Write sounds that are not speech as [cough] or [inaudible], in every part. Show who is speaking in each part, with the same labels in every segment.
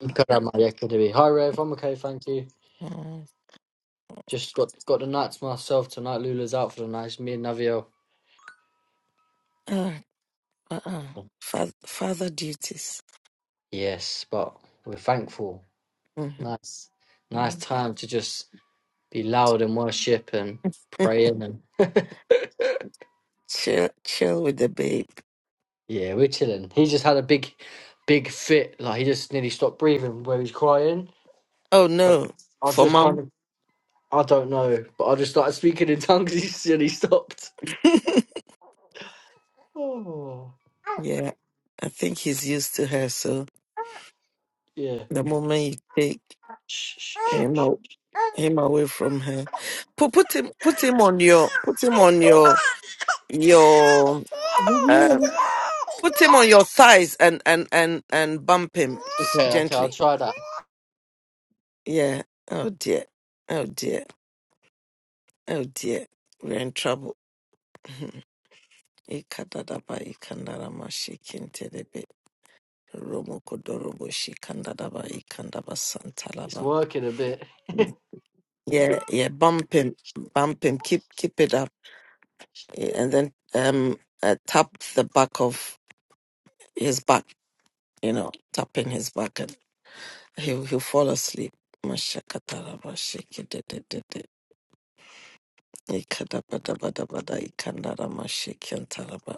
Speaker 1: Good on my activity. Hi Rev, I'm okay, thank you. Just got got the night to myself tonight. Lula's out for the night. It's me and Navio. Yes, but we're thankful. Nice, nice time to just be loud and worship and praying and
Speaker 2: Chill, chill with the babe.
Speaker 1: yeah, we're chilling. He just had a big, big fit. Like he just nearly stopped breathing where he's crying.
Speaker 2: Oh
Speaker 1: But
Speaker 2: no,
Speaker 1: I've
Speaker 2: for
Speaker 1: just
Speaker 2: mom.
Speaker 1: kind of I don't know, but I just started speaking in tongues. [laughs] He silly stopped. Oh
Speaker 2: Yeah, I think he's used to her. So
Speaker 1: yeah.
Speaker 2: the moment you take
Speaker 1: Shh, shh,
Speaker 2: him out, him away from her, put put him put him on your put him on your
Speaker 1: shh. [laughs]
Speaker 2: your uh, put him on your thighs and and and and bump him s-
Speaker 1: Okay, okay, I'll
Speaker 2: gently.
Speaker 1: try that.
Speaker 2: Yeah. Oh dear. Oh dear. Oh dear. We're in trouble. Ikadadaba ikandarama shikintelebe. Romo Kodorobo Shikandadaba Ikandaba
Speaker 1: It's
Speaker 2: Santalaba.
Speaker 1: working a bit.
Speaker 2: Yeah, yeah, bump him, bump him, keep keep it up, eh, and then um uh, tap the back of his back, you know, tapping his back, and he'll he'll fall asleep. Mashakataraba shikididididi, ikadabadabadabada ikandarama shikiantaraba,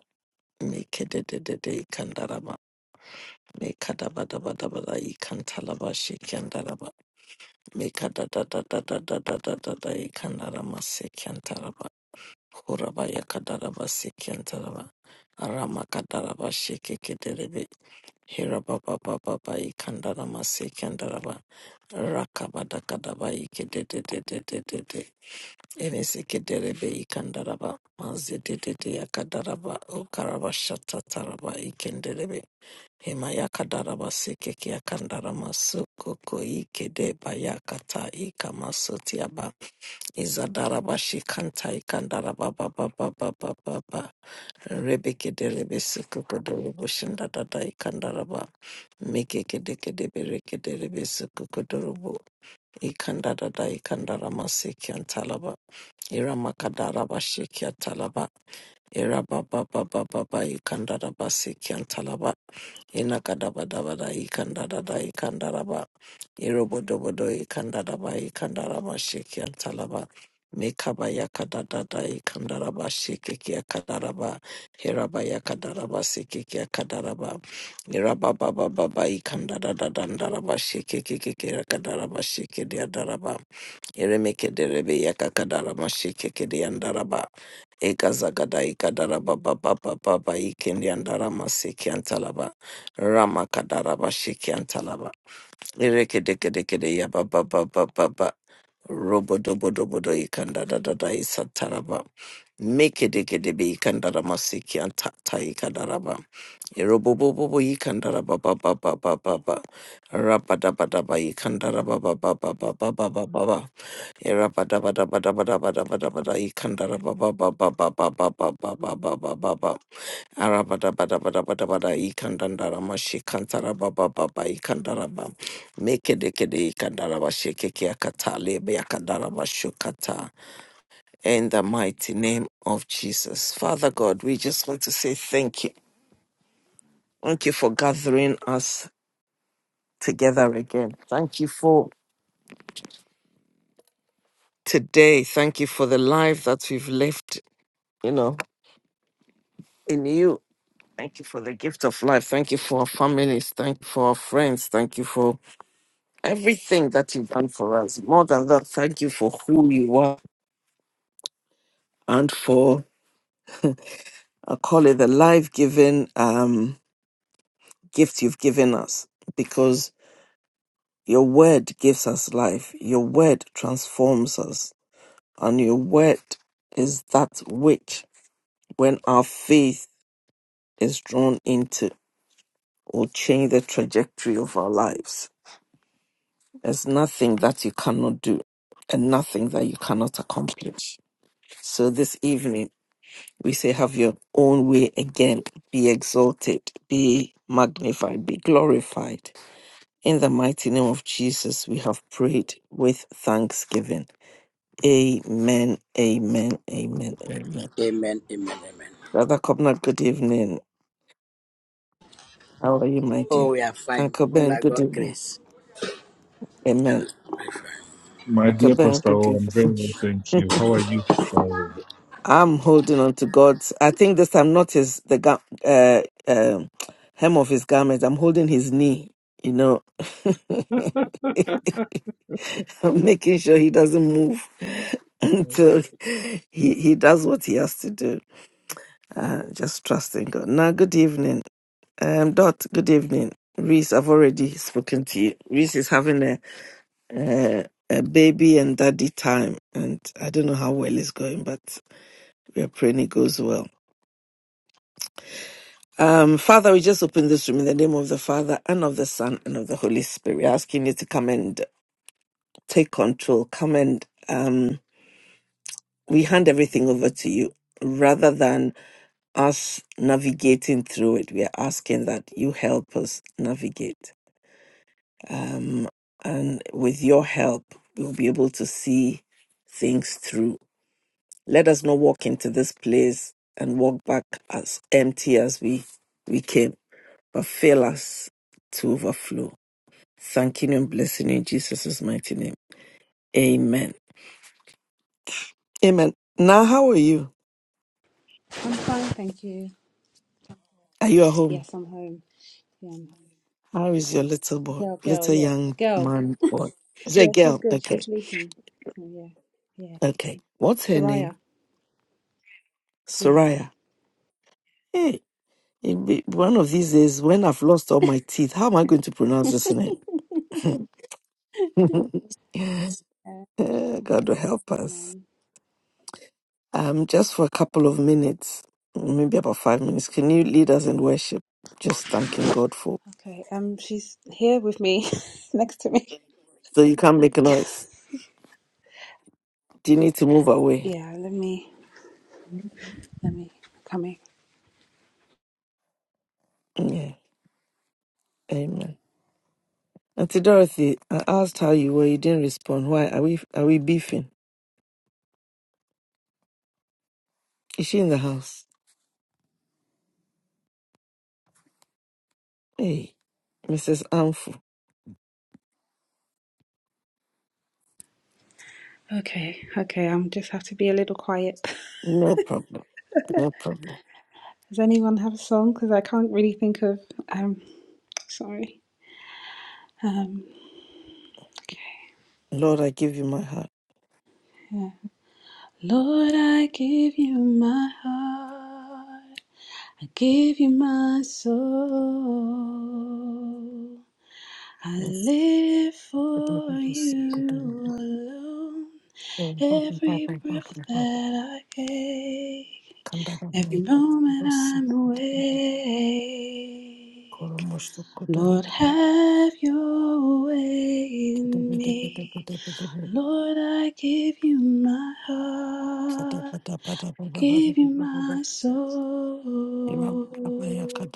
Speaker 2: mikididididi ikandarama, mikadabadabadabada ikantalaba Mikada da da da da da da da da da ikanarama sekiantaraba. Kuraba yakadaraba sekiantaraba. Arama Lekadadadadadadadadada ikandaramasekiantaraba. Hurabayakadarabasikiantaraba. Aramakadarabashikikiterebe. Hirababababa ikandaramasekiantaraba. Rakabadakadaba ikidededededede. Enesiketerebe ikandaraba. Mazidedede yakadaraba. Ukarabashatataraba ikenderebe. Himayaka darabasike kia kandara masuko ko ike de bayakata ika masutiaba izadara bashi kanta ikandara baba baba baba baba rebeke de rebesuko ko de reboshin da dada ikandara ba meke kede kede bereke de rebesuko ko de rubu ikandara da ikandara masike antalaba iramaka darabashike antalaba irababa baba baba ikandara basike antalaba Inakadabadabada ikandadada ikandaraba irobodobodo ikandaraba ikandaraba shiki antalaba mikaba yakadadada ikandaraba shikiki akadaraba hiraba yakadaraba sikiki akadaraba irababababa ikandadadadandaraba shikiki akadaraba shikidi adaraba iremekederebe yakakadaraba shikiki andaraba Egazagada ikadara baba baba baba ikindi andara seki antalaba rama kadara bashiki antalaba ireke deke deke de ya baba baba baba robo dobo dobo do ikanda da dada isataraba meke deke debe ikandara seki antata ikadara ba irobo bobo bo ikandara baba baba baba baba rapa daba daba ikandara baba baba baba baba Era bada bada bada bada bada bada bada ikanda ra ba, ba, ba, ba, ba, ba, ba, ba, ba, ba, ba, ba, ba, ba, ara bada bada bada bada bada ikanda nda ra ma shi kanta ra ba, ba, ba ba ikanda ra ba meke de ke de ikanda ra ba shi ke ke akata le be akanda ra ba shu kata. In the mighty name of Jesus. Father God, we just want to say thank you. Thank you for gathering us together again. Thank you for today. Thank you for the life that we've lived, you know, in you. Thank you for the gift of life. Thank you for our families. Thank you for our friends. Thank you for everything that you've done for us. More than that, thank you for who you are and for, I call it the life giving um, gift you've given us because your word gives us life. Your word transforms us. And your word is that which, when our faith is drawn into, will change the trajectory of our lives. There's nothing that you cannot do and nothing that you cannot accomplish. So this evening, we say, have your own way again. Be exalted, be magnified, be glorified. In the mighty name of Jesus, we have prayed with thanksgiving. Amen, amen, amen, amen.
Speaker 3: Amen. Amen. Amen.
Speaker 2: Brother Cobnard, good evening. How are you, my
Speaker 3: Oh,
Speaker 2: dear?
Speaker 3: we are fine.
Speaker 2: Uncle Ben,
Speaker 3: By
Speaker 2: good
Speaker 3: God's
Speaker 2: evening.
Speaker 3: grace.
Speaker 2: Amen.
Speaker 3: Everything will fine.
Speaker 4: My
Speaker 2: Uncle
Speaker 4: dear
Speaker 2: Ben,
Speaker 4: Pastor,
Speaker 2: good
Speaker 4: oh, I'm very
Speaker 2: evening.
Speaker 4: well,
Speaker 2: [laughs]
Speaker 4: thank you. How are you, Pastor?
Speaker 2: I'm holding on to God's. I think this time, not his the ga- uh, um hem of his garment. I'm holding his knee. You know, [laughs] I'm making sure he doesn't move [laughs]
Speaker 4: O?
Speaker 2: until he he does what he has to do. Uh, just trusting God. Now, good evening, um, Dot. Good evening, Reese. I've already spoken to you. Reese is having a, a a baby and daddy time, and I don't know how well it's going, but we are praying it goes well. Um, Father, we just open this room in the name of the Father and of the Son and of the Holy Spirit. We're asking you to come and take control. Come and um, we hand everything over to you rather than us navigating through it. We are asking that you help us navigate. Um, and with your help, we'll be able to see things through. Let us not walk into this place and walk back as empty as we, we came, but fill us to overflow. thanking and blessing in Jesus' mighty name. Amen. Amen. Now, how are you?
Speaker 5: I'm fine, thank you.
Speaker 2: Are you at home?
Speaker 5: Yes, I'm home. Yeah, I'm home.
Speaker 2: How is your little boy,
Speaker 5: Girl, girl,
Speaker 2: little
Speaker 5: yeah.
Speaker 2: young
Speaker 5: Girl.
Speaker 2: man boy? Is it a
Speaker 5: Yeah, she's
Speaker 2: girl?
Speaker 5: good.
Speaker 2: Okay.
Speaker 5: She's sleeping. So yeah. Yeah.
Speaker 2: Okay. What's her name?
Speaker 5: Soraya. Yeah.
Speaker 2: Soraya. Hey, it be- one of these days when I've lost all my teeth, how am I going to pronounce
Speaker 5: [laughs]
Speaker 2: this name? [laughs]
Speaker 5: Uh,
Speaker 2: Eh, God will help us.
Speaker 5: amen.
Speaker 2: Um, just for a couple of minutes, maybe about five minutes, can you lead us in worship? Just thanking God for
Speaker 5: Okay. Um she's here with me [laughs] next to me.
Speaker 2: so you can't make a noise. Do you need to move away?
Speaker 5: Yeah, let me let me come in.
Speaker 2: Yeah. Amen. Auntie Dorothy, I asked how you were. You didn't respond. Why? Are we are we beefing? Is she in the house? Hey, Mrs. Amfu.
Speaker 5: Okay, okay, I'm just have to be a little quiet. [laughs]
Speaker 2: No problem. No problem.
Speaker 5: Does anyone have a song? Because I can't really think of um sorry. Um okay.
Speaker 2: Lord, I give you my heart.
Speaker 5: yeah. Lord, I give you my heart. I give you my soul. I
Speaker 2: Yes.
Speaker 5: live
Speaker 2: Lord,
Speaker 5: for you alone. Every breath that I take, every moment I'm awake. Lord, have your way in me. Lord, I give you my heart give you my soul.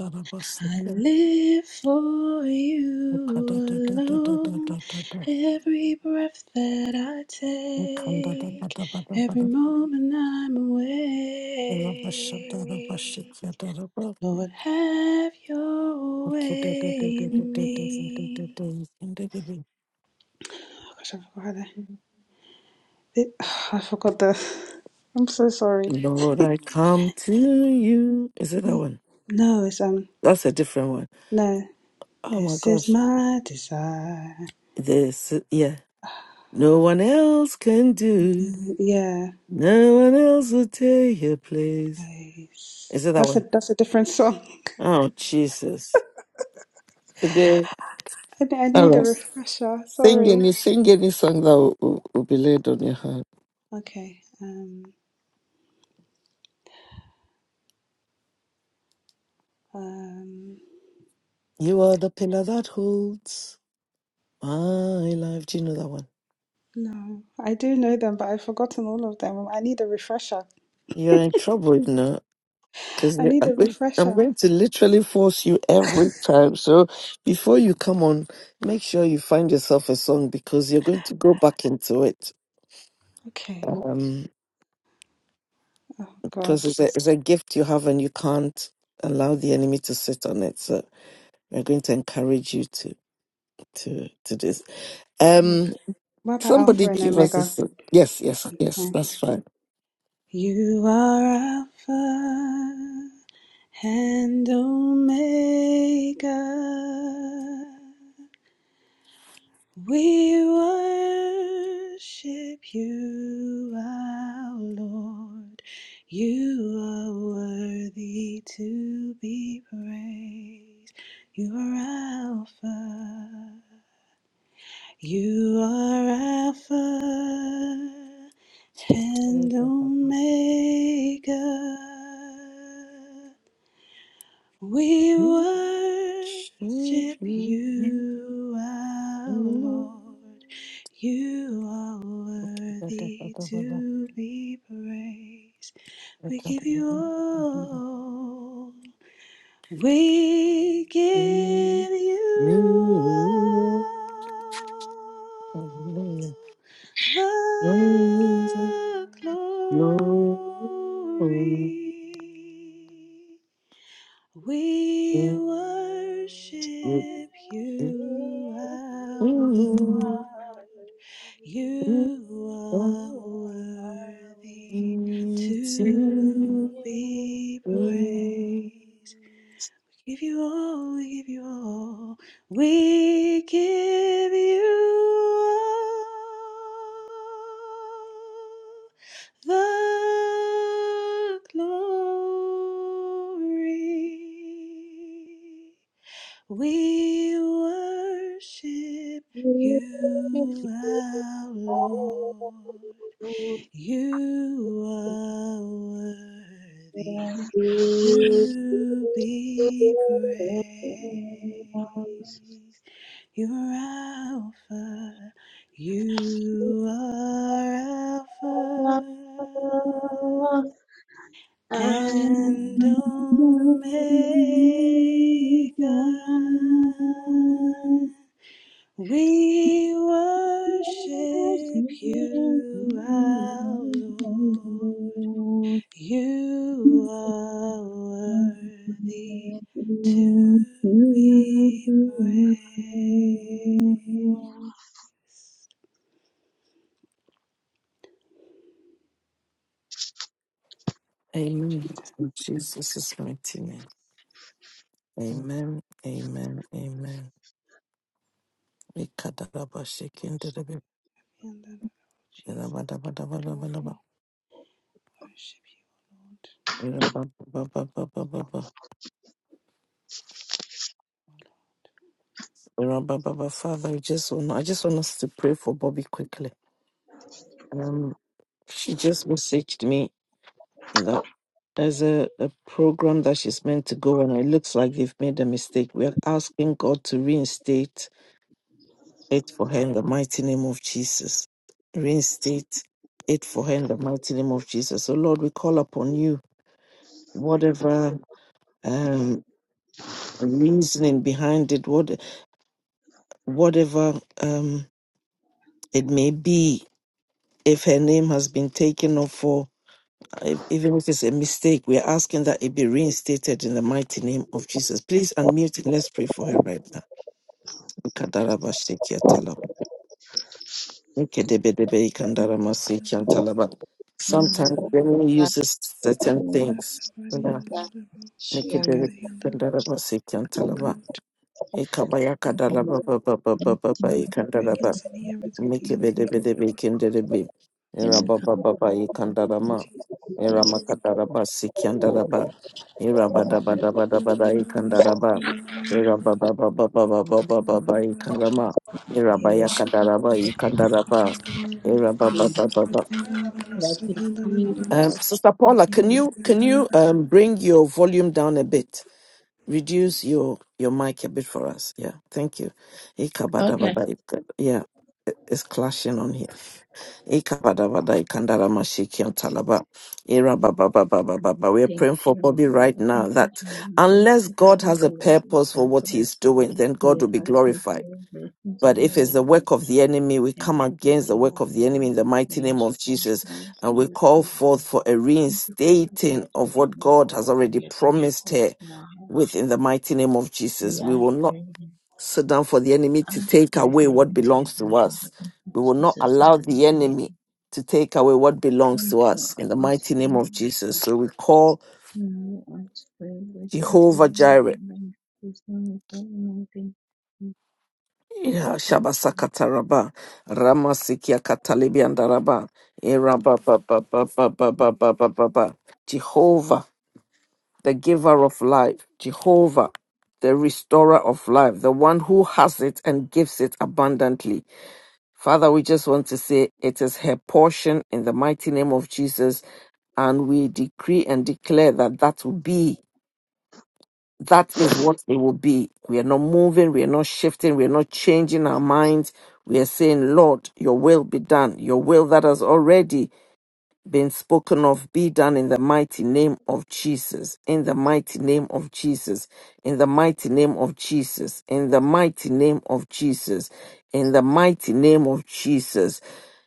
Speaker 5: I live for you alone. Every breath that I take, every moment I'm awake. Lord, have your way in me. Oh gosh, I forgot that. It, [sighs] I forgot this. I'm so sorry.
Speaker 2: I come to you. Is it that one?
Speaker 5: No, it's um
Speaker 2: That's a different one.
Speaker 5: no.
Speaker 2: Oh my
Speaker 5: This is
Speaker 2: gosh.
Speaker 5: my desire.
Speaker 2: This, yeah. No one else can do.
Speaker 5: Yeah,
Speaker 2: No one else will take your place.
Speaker 5: place.
Speaker 2: Is it that
Speaker 5: That's a
Speaker 2: one?
Speaker 5: that's a different song.
Speaker 2: Oh, Jesus. Today,
Speaker 5: [laughs] I, I
Speaker 2: All
Speaker 5: need a
Speaker 2: right.
Speaker 5: refresher.
Speaker 2: Sing
Speaker 5: Sorry.
Speaker 2: any, sing any song that will, will, will be laid on your heart.
Speaker 5: Okay. Um. Um.
Speaker 2: you are the pillar that holds my life. Do you know that one?
Speaker 5: No, I do know them, but I've forgotten all of them. I need a refresher.
Speaker 2: You're in trouble, you know, because
Speaker 5: I need
Speaker 2: I'm
Speaker 5: a
Speaker 2: going I'm
Speaker 5: refresher.
Speaker 2: going to To literally force you
Speaker 5: [laughs]
Speaker 2: every time. So before you come on, make sure you find yourself a song because you're going to go back into it.
Speaker 5: Okay.
Speaker 2: Um,
Speaker 5: Oh
Speaker 2: because it's
Speaker 5: gosh.
Speaker 2: a, it's a gift you have and you can't allow the enemy to sit on it so we're going to encourage you to to to this
Speaker 5: Yeah.
Speaker 2: um
Speaker 5: What about
Speaker 2: somebody
Speaker 5: Alpha and
Speaker 2: give us a
Speaker 5: Omega?
Speaker 2: s- yes yes yes
Speaker 5: Yeah.
Speaker 2: that's fine
Speaker 5: You are Alpha and Omega. We worship you, our Lord. You are worthy to be praised. You are Alpha. You are Alpha and Omega. We worship you, our Lord. You are worthy to be praised. We give you all. We give you
Speaker 2: Hallelujah.
Speaker 5: all the glory.
Speaker 2: [laughs]
Speaker 5: We
Speaker 2: Amen.
Speaker 5: worship
Speaker 6: Worship
Speaker 5: you,
Speaker 6: you,
Speaker 5: our
Speaker 2: In
Speaker 5: Lord.
Speaker 6: Hallelujah.
Speaker 5: You are
Speaker 6: You are
Speaker 5: worthy
Speaker 6: worthy to
Speaker 5: to
Speaker 6: be
Speaker 5: be
Speaker 6: praised.
Speaker 5: praised. We Give you all, we give you all, we give you all the glory. We worship
Speaker 6: And be
Speaker 5: you,
Speaker 6: praised.
Speaker 5: our Lord. You are worthy to be praised. You are Alpha, you are Alpha
Speaker 6: Oh, I'm
Speaker 5: and Omega.
Speaker 6: the
Speaker 5: We worship you, our Lord. You are worthy to be praised. Thank you, Jesus.
Speaker 2: Jesus' mighty name. Amen. Amen. Amen. Ikadaba shaking the baby.
Speaker 5: And then, oh, Jesus, give you glory. Worship you, Lord.
Speaker 2: Father, I just want I just want us to pray for Bobby quickly. Um, she just messaged me There's a, a program that she's meant to go on. It looks like they've made a mistake. We are asking God to reinstate it for her in the mighty name of Jesus. Reinstate it for her in the mighty name of Jesus. So, Lord, we call upon you, whatever um, reasoning behind it, what, whatever um, it may be, if her name has been taken off for if, even if it's a mistake, we are asking that it be reinstated in the mighty name of Jesus. Please unmute and let's pray for her right now. Kadara Bashiki Atala. Kedebedebe
Speaker 5: Lord,
Speaker 2: Kandara
Speaker 5: And
Speaker 2: Masiki
Speaker 5: then,
Speaker 2: Antalaba.
Speaker 5: everybody,
Speaker 2: Sometimes
Speaker 5: and
Speaker 2: the enemy uses certain things. Una
Speaker 5: then, everybody, see you, God,
Speaker 2: nikedebe
Speaker 5: and then,
Speaker 2: kandaraba siki antalaba.
Speaker 5: Lord. Thank you,
Speaker 2: Ekabaya kadalaba
Speaker 5: Father.
Speaker 2: ba ba ba
Speaker 5: Father, we
Speaker 2: ba
Speaker 5: pray
Speaker 2: ba ba
Speaker 5: against any errors of the
Speaker 2: Miki
Speaker 5: enemy,
Speaker 2: bidi
Speaker 5: Lord
Speaker 2: bidi bikin didi bi.
Speaker 5: God,
Speaker 2: Ira
Speaker 5: Lord, in
Speaker 2: baba baba
Speaker 5: the name of
Speaker 2: ikandarama.
Speaker 5: Jesus.
Speaker 2: Ira
Speaker 5: Lord,
Speaker 2: makadaraba sikiandaraba. Ira bada bada
Speaker 5: I
Speaker 2: bada
Speaker 5: can
Speaker 2: bada ikandaraba. Ira baba baba baba baba baba ikandarama. Ira baya kandaraba ikandaraba. Ira baba baba baba. Um, Sister Paula, can you can you um bring your volume down a bit? Reduce your your mic a bit for us. Yeah, thank you. Ikabada
Speaker 6: Okay,
Speaker 2: ik- Yeah, it's clashing on here. Ikabadabada, ikandaramashiki, antalaba, irababababababa. We're
Speaker 6: thank
Speaker 2: praying
Speaker 6: you.
Speaker 2: for Bobby right now that unless God has a purpose for what he's doing, then God will be glorified. But if it's the work of the enemy, we
Speaker 6: Thank
Speaker 2: come
Speaker 6: you
Speaker 2: against the work
Speaker 6: for
Speaker 2: of the enemy in the mighty name
Speaker 6: grace,
Speaker 2: of
Speaker 6: for
Speaker 2: Jesus.
Speaker 6: grace,
Speaker 2: And we
Speaker 6: for
Speaker 2: call
Speaker 6: God.
Speaker 2: forth for a
Speaker 6: Thank you for everything
Speaker 2: reinstating
Speaker 6: that
Speaker 2: of
Speaker 6: you've
Speaker 2: what
Speaker 6: done
Speaker 2: God
Speaker 6: for
Speaker 2: has
Speaker 6: us and
Speaker 2: already
Speaker 6: your thing
Speaker 2: promised
Speaker 6: for
Speaker 2: her
Speaker 6: us in our heart.
Speaker 2: with in the mighty name of
Speaker 6: We
Speaker 2: Jesus. We
Speaker 6: are
Speaker 2: will not
Speaker 6: very,
Speaker 2: so down for the enemy to
Speaker 6: ask
Speaker 2: take
Speaker 6: for your
Speaker 2: away what
Speaker 6: blessings or your
Speaker 2: belongs to
Speaker 6: blessings.
Speaker 2: us.
Speaker 6: But thank you,
Speaker 2: We will not
Speaker 6: Jesus. Thank
Speaker 2: allow
Speaker 6: you,
Speaker 2: the
Speaker 6: Lord.
Speaker 2: enemy to take away what belongs
Speaker 6: Come
Speaker 2: to
Speaker 6: to
Speaker 2: us
Speaker 6: our
Speaker 2: in the
Speaker 6: face,
Speaker 2: mighty name of
Speaker 6: finally,
Speaker 2: Jesus.
Speaker 6: God.
Speaker 2: So we call
Speaker 6: We come to ask for your blessings or
Speaker 2: Jehovah
Speaker 6: your
Speaker 2: Jireh.
Speaker 6: blessings. There's no requirement. Thank
Speaker 2: Yeah, Shabasa
Speaker 6: you.
Speaker 2: Kataraba, Rama Sikia Katalibi and Daraba, Iraba ba ba ba ba ba ba ba ba ba ba. Jehovah, the giver of life, Jehovah, the restorer of life, the one who has it and gives it abundantly. Father, we just want to say it is her portion in the mighty name of Jesus. And we decree and declare that that will be, that is what it will be. We are not moving, we are not shifting, we are not changing our minds. We are saying, Lord, your will be done, your will that has already been spoken of be done in the mighty name of Jesus, in the mighty name of Jesus, in the mighty name of Jesus, in the mighty name of Jesus, in the mighty name of Jesus.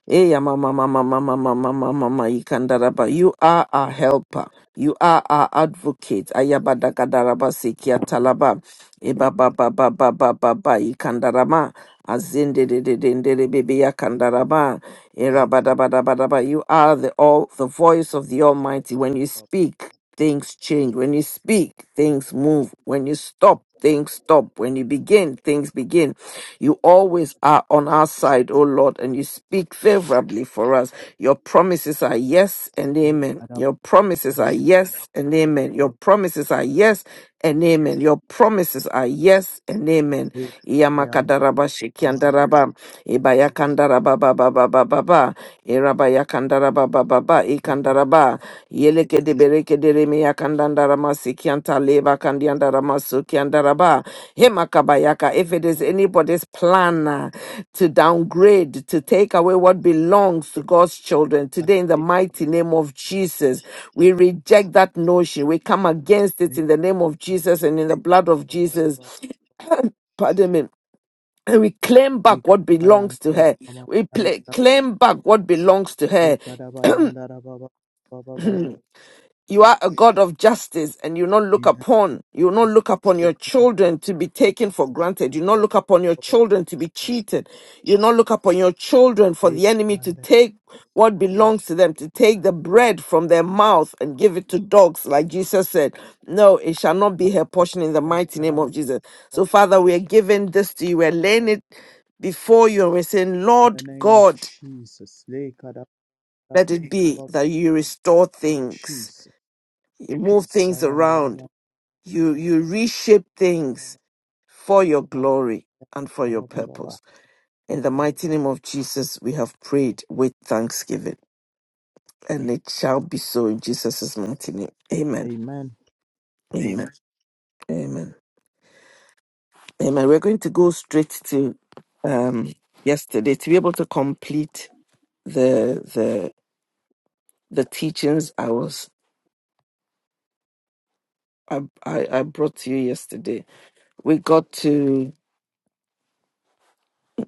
Speaker 2: Eh, Hey, mama, mama, mama, mama, mama, mama, Ikandaraba, you are our helper. You are our advocate. Ayabadagadalaba sekia
Speaker 7: Maya,
Speaker 2: talaba. Eba ba ba ba ba ba ba ba ikandarama. Azinde de de de de de bebe
Speaker 7: Eka,
Speaker 2: yakandarama. Erabadabadabadaba. You are the all the voice of the Almighty when you
Speaker 7: Baba,
Speaker 2: speak. Things change. When you speak, things move. When you stop, things stop. When you begin, things begin. You always are on our side, O Lord, and you speak favorably for us. Your promises are yes and amen.
Speaker 7: Ada,
Speaker 2: Your promises
Speaker 7: Baba,
Speaker 2: are
Speaker 7: Baba,
Speaker 2: yes and amen. Your promises are yes and amen. Your promises are yes and amen.
Speaker 7: Eka, Ayan,
Speaker 2: Yamakadaraba
Speaker 7: Amaya,
Speaker 2: shikiandaraba, ibayakandaraba ba ba ba ba ba ba, irabayakandaraba ba ba ba,
Speaker 7: Eka, Da,
Speaker 2: ikandaraba, yeleke de bereke de reme yakandandarama sikianta leba Yandaraba, Hemakabayaka. If it is
Speaker 7: Baba,
Speaker 2: anybody's plan uh, to downgrade, to take away what belongs to
Speaker 7: Eka,
Speaker 2: God's children,
Speaker 7: Baba,
Speaker 2: today in the mighty name of Jesus, we reject that notion. We come against it in the name of Jesus and in the blood of
Speaker 7: Baba,
Speaker 2: Jesus. [coughs] Pardon me. And we claim back
Speaker 7: Eka,
Speaker 2: what
Speaker 7: Bayan,
Speaker 2: belongs to her.
Speaker 7: Mama,
Speaker 2: We pla
Speaker 7: Anda,
Speaker 2: claim back what belongs to
Speaker 7: Eka, Da,
Speaker 2: her.
Speaker 7: Bayan, Dara, Baba, Baba,
Speaker 2: [clears throat]
Speaker 7: Bayan,
Speaker 2: You are a God of justice and you not look
Speaker 7: In
Speaker 2: upon, you not look upon your children to be
Speaker 7: the name of
Speaker 2: taken for granted.
Speaker 7: Jesus, Eka, Da,
Speaker 2: You not
Speaker 7: Baba,
Speaker 2: look upon your
Speaker 7: Baba,
Speaker 2: children to be
Speaker 7: Baba,
Speaker 2: cheated. You not look upon your children for
Speaker 7: Eka,
Speaker 2: the enemy to
Speaker 7: Yanda,
Speaker 2: take what
Speaker 7: Mama,
Speaker 2: belongs to them, to take the bread from their mouth and give it to dogs, like
Speaker 7: Baba,
Speaker 2: Jesus said. No, it shall not be
Speaker 7: Mama,
Speaker 2: her portion in the mighty name
Speaker 7: Dara,
Speaker 2: of Jesus.
Speaker 7: Baba,
Speaker 2: So Father, we are giving this to you. We're
Speaker 7: Baba,
Speaker 2: laying
Speaker 7: Baba,
Speaker 2: it before you and we're saying,
Speaker 7: In the
Speaker 2: Lord
Speaker 7: name of
Speaker 2: God,
Speaker 7: Jesus, Eka, Da,
Speaker 2: let it be
Speaker 7: Baba,
Speaker 2: that you restore things.
Speaker 7: Jesus.
Speaker 2: You move things around
Speaker 7: Vayandarama-
Speaker 2: you you reshape things for your
Speaker 7: Ma- ba-
Speaker 2: glory and for
Speaker 7: ba-
Speaker 2: your
Speaker 7: ba- ba- ba.
Speaker 2: purpose. In the mighty name of Jesus, we have prayed with thanksgiving, and it shall be so in Jesus' mighty name. Amen.
Speaker 7: Amen.
Speaker 2: Amen. Amen. Amen. We're going to go straight to um, yesterday to be able to complete the the the teachings I was I, I I brought to you yesterday. We got to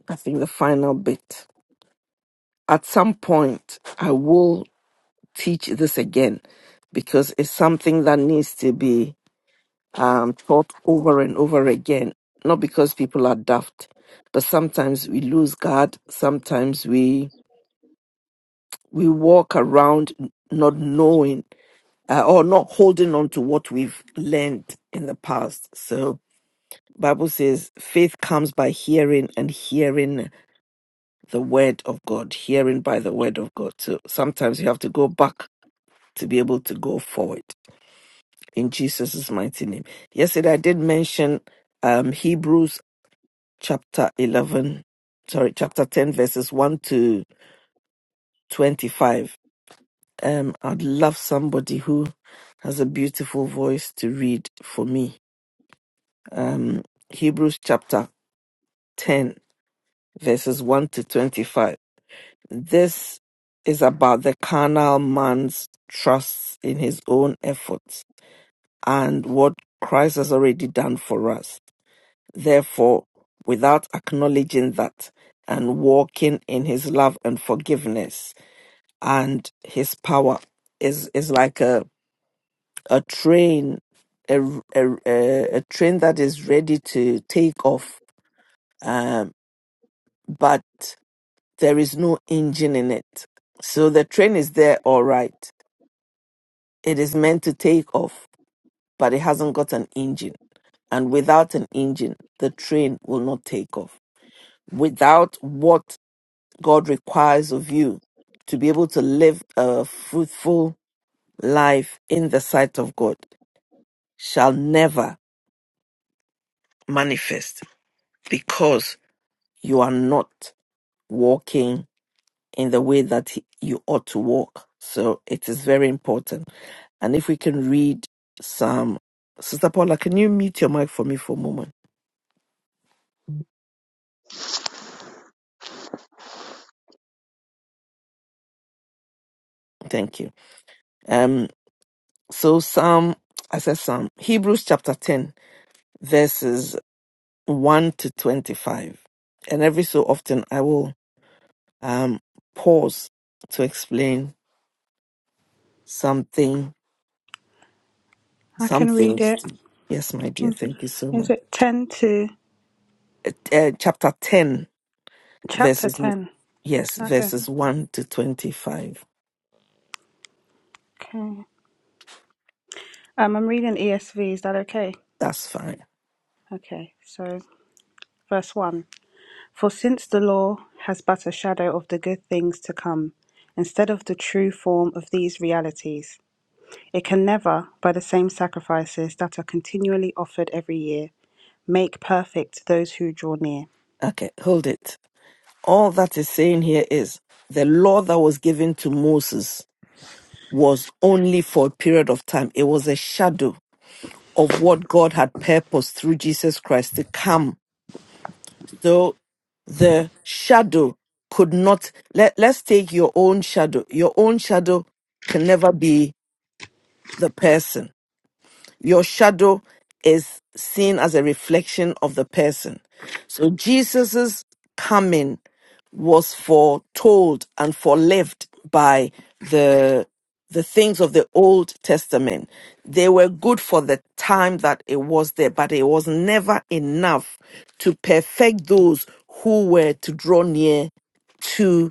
Speaker 2: I think the final bit. At some point, I will. teach this again because it's something that needs to be um, taught over and over again. Not because people are daft, but sometimes we lose guard. Sometimes we we walk around not knowing uh, or not holding on to what we've learned in the past. So Bible says faith comes by hearing and hearing the word of God, hearing by the word of God. So sometimes you have to go back to be able to go forward. in Jesus' mighty name. Yesterday I did mention um, Hebrews chapter 11, sorry, chapter 10, verses 1 to 25. Um, I'd love somebody who has a beautiful voice to read for me. Um, Hebrews chapter 10, verses 1 to 25. This is about the carnal man's trust in his own efforts and what Christ has already done for us therefore, without acknowledging that and walking in his love and forgiveness and his power is is like a a train a a, a a train that is ready to take off um but there is no engine in it so the train is there all right it is meant to take off but it hasn't got an engine and without an engine the train will not take off without what God requires of you to be able to live a fruitful life in the sight of God shall never manifest because you are not walking in the way that he- you ought to walk. So it is very important. And if we can read Psalm, Sister Paula, can you mute your mic for me for a moment? Thank you. Um, so Psalm, I said Psalm, Hebrews chapter 10, verses 1 to 25. And every so often I will um, pause to explain something, some
Speaker 5: read
Speaker 2: things.
Speaker 5: its
Speaker 2: Yes, my dear, thank you so much.
Speaker 5: it 10 to
Speaker 2: Uh, uh, chapter 10,
Speaker 5: chapter
Speaker 2: verses,
Speaker 5: 10?
Speaker 2: yes,
Speaker 5: Okay.
Speaker 2: verses 1 to 25.
Speaker 5: Okay. Um, I'm reading ESV. Is that okay?
Speaker 2: That's fine.
Speaker 5: Okay. So, verse 1 For since the law has but a shadow of the good things to come, instead of the true form of these realities, It can never, by the same sacrifices that are continually offered every year, make perfect those who draw near.
Speaker 2: Okay, hold it. All that is saying here is the law that was given to Moses was only for a period of time. It was a shadow of what God had purposed through Jesus Christ to come So the shadow could not let, let's take your own shadow. Your own shadow can never be the person. Your shadow is seen as a reflection of the person. So Jesus's coming was foretold and forelived by the the things of the Old Testament. They were good for the time that it was there, but it was never enough to perfect those who were to draw near to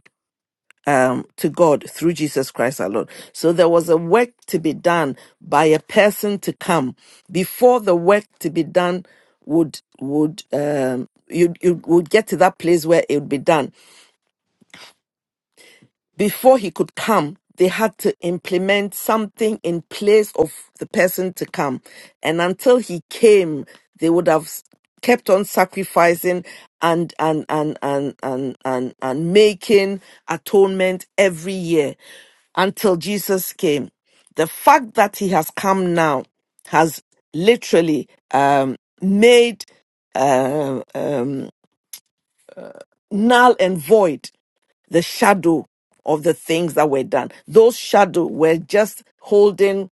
Speaker 2: um to God through Jesus Christ alone. So there was a work to be done by a person to come before the work to be done would would um you you would get to that place where it would be done before he could come, they had to implement something in place of the person to come. And until he came, they would have s- kept on sacrificing and and and and and and, and making atonement every year until Jesus came. The fact that he has come now has literally um, made uh, uh, null and void the shadow of the things that were done. Those shadow were just holding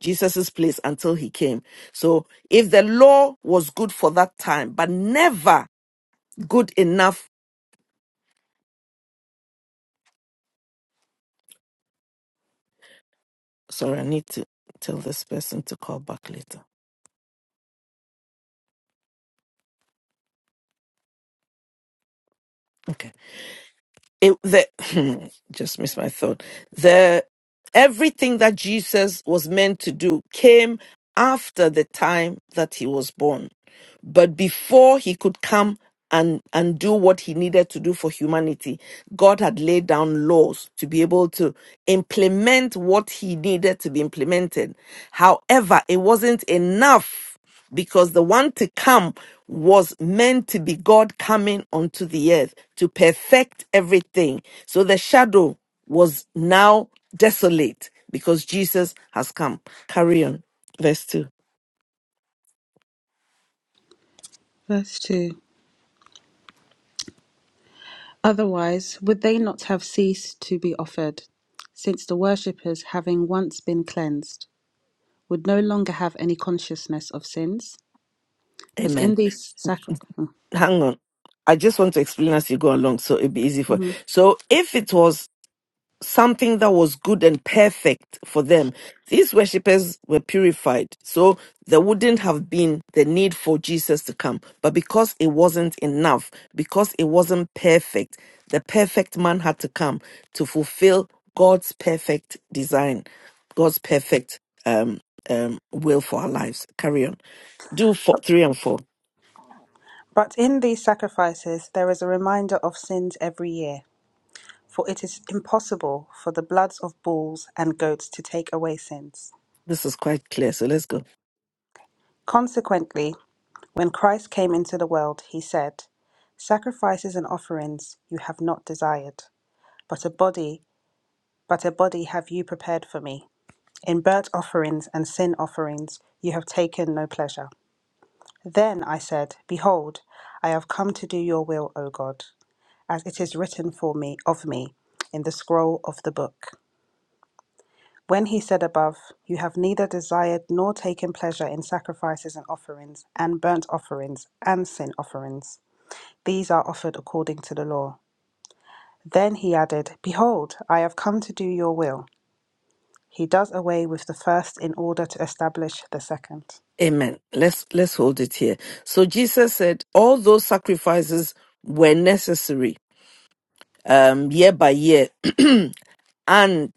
Speaker 2: Jesus's place until he came. So if the law was good for that time, but never good enough, sorry, I need to tell this person to call back later. Okay. it the [laughs] [clears throat] just missed my thought the everything that jesus was meant to do came after the time that he was born but before he could come and and do what he needed to do for humanity god had laid down laws to be able to implement what he needed to be implemented however it wasn't enough because the one to come was meant to be God coming onto the earth to perfect everything. So the shadow was now desolate because Jesus has come. Carry on. Verse 2.
Speaker 5: Verse 2 Otherwise, would they not have ceased to be offered, since the worshippers, having once been cleansed, would no longer have any consciousness of sins? But
Speaker 2: Amen.
Speaker 5: in these sacri-
Speaker 2: Hang on. I just want to explain as you go along so it'd be easy for.
Speaker 5: Mhm.
Speaker 2: So if it was something that was good and perfect for them. These worshippers were purified, so there wouldn't have been the need for Jesus to come. But because it wasn't enough, because it wasn't perfect, the perfect man had to come to fulfill God's perfect design, God's perfect um, um, will for our lives. Carry on. Do four, three and four.
Speaker 5: But in these sacrifices there is a reminder of sins every year, for it is impossible for the bloods of bulls and goats to take away sins.
Speaker 2: This is quite clear, so let's go.
Speaker 5: Consequently, When Christ came into the world, he said, Sacrifices and offerings you have not desired, but a body, but a body have you prepared for me. In burnt offerings and sin offerings you have taken no pleasure. Then I said, Behold, I have come to do your will, O God, as it is written for me of me in the scroll of the book. When he said above, You have neither desired nor taken pleasure in sacrifices and offerings, and burnt offerings and sin offerings. These are offered according to the law. Then he added, Behold, I have come to do your will. He does away with the first in order to establish the second.
Speaker 2: Amen. Let's let's hold it here. So Jesus said all those sacrifices were necessary um year by year [clears throat] and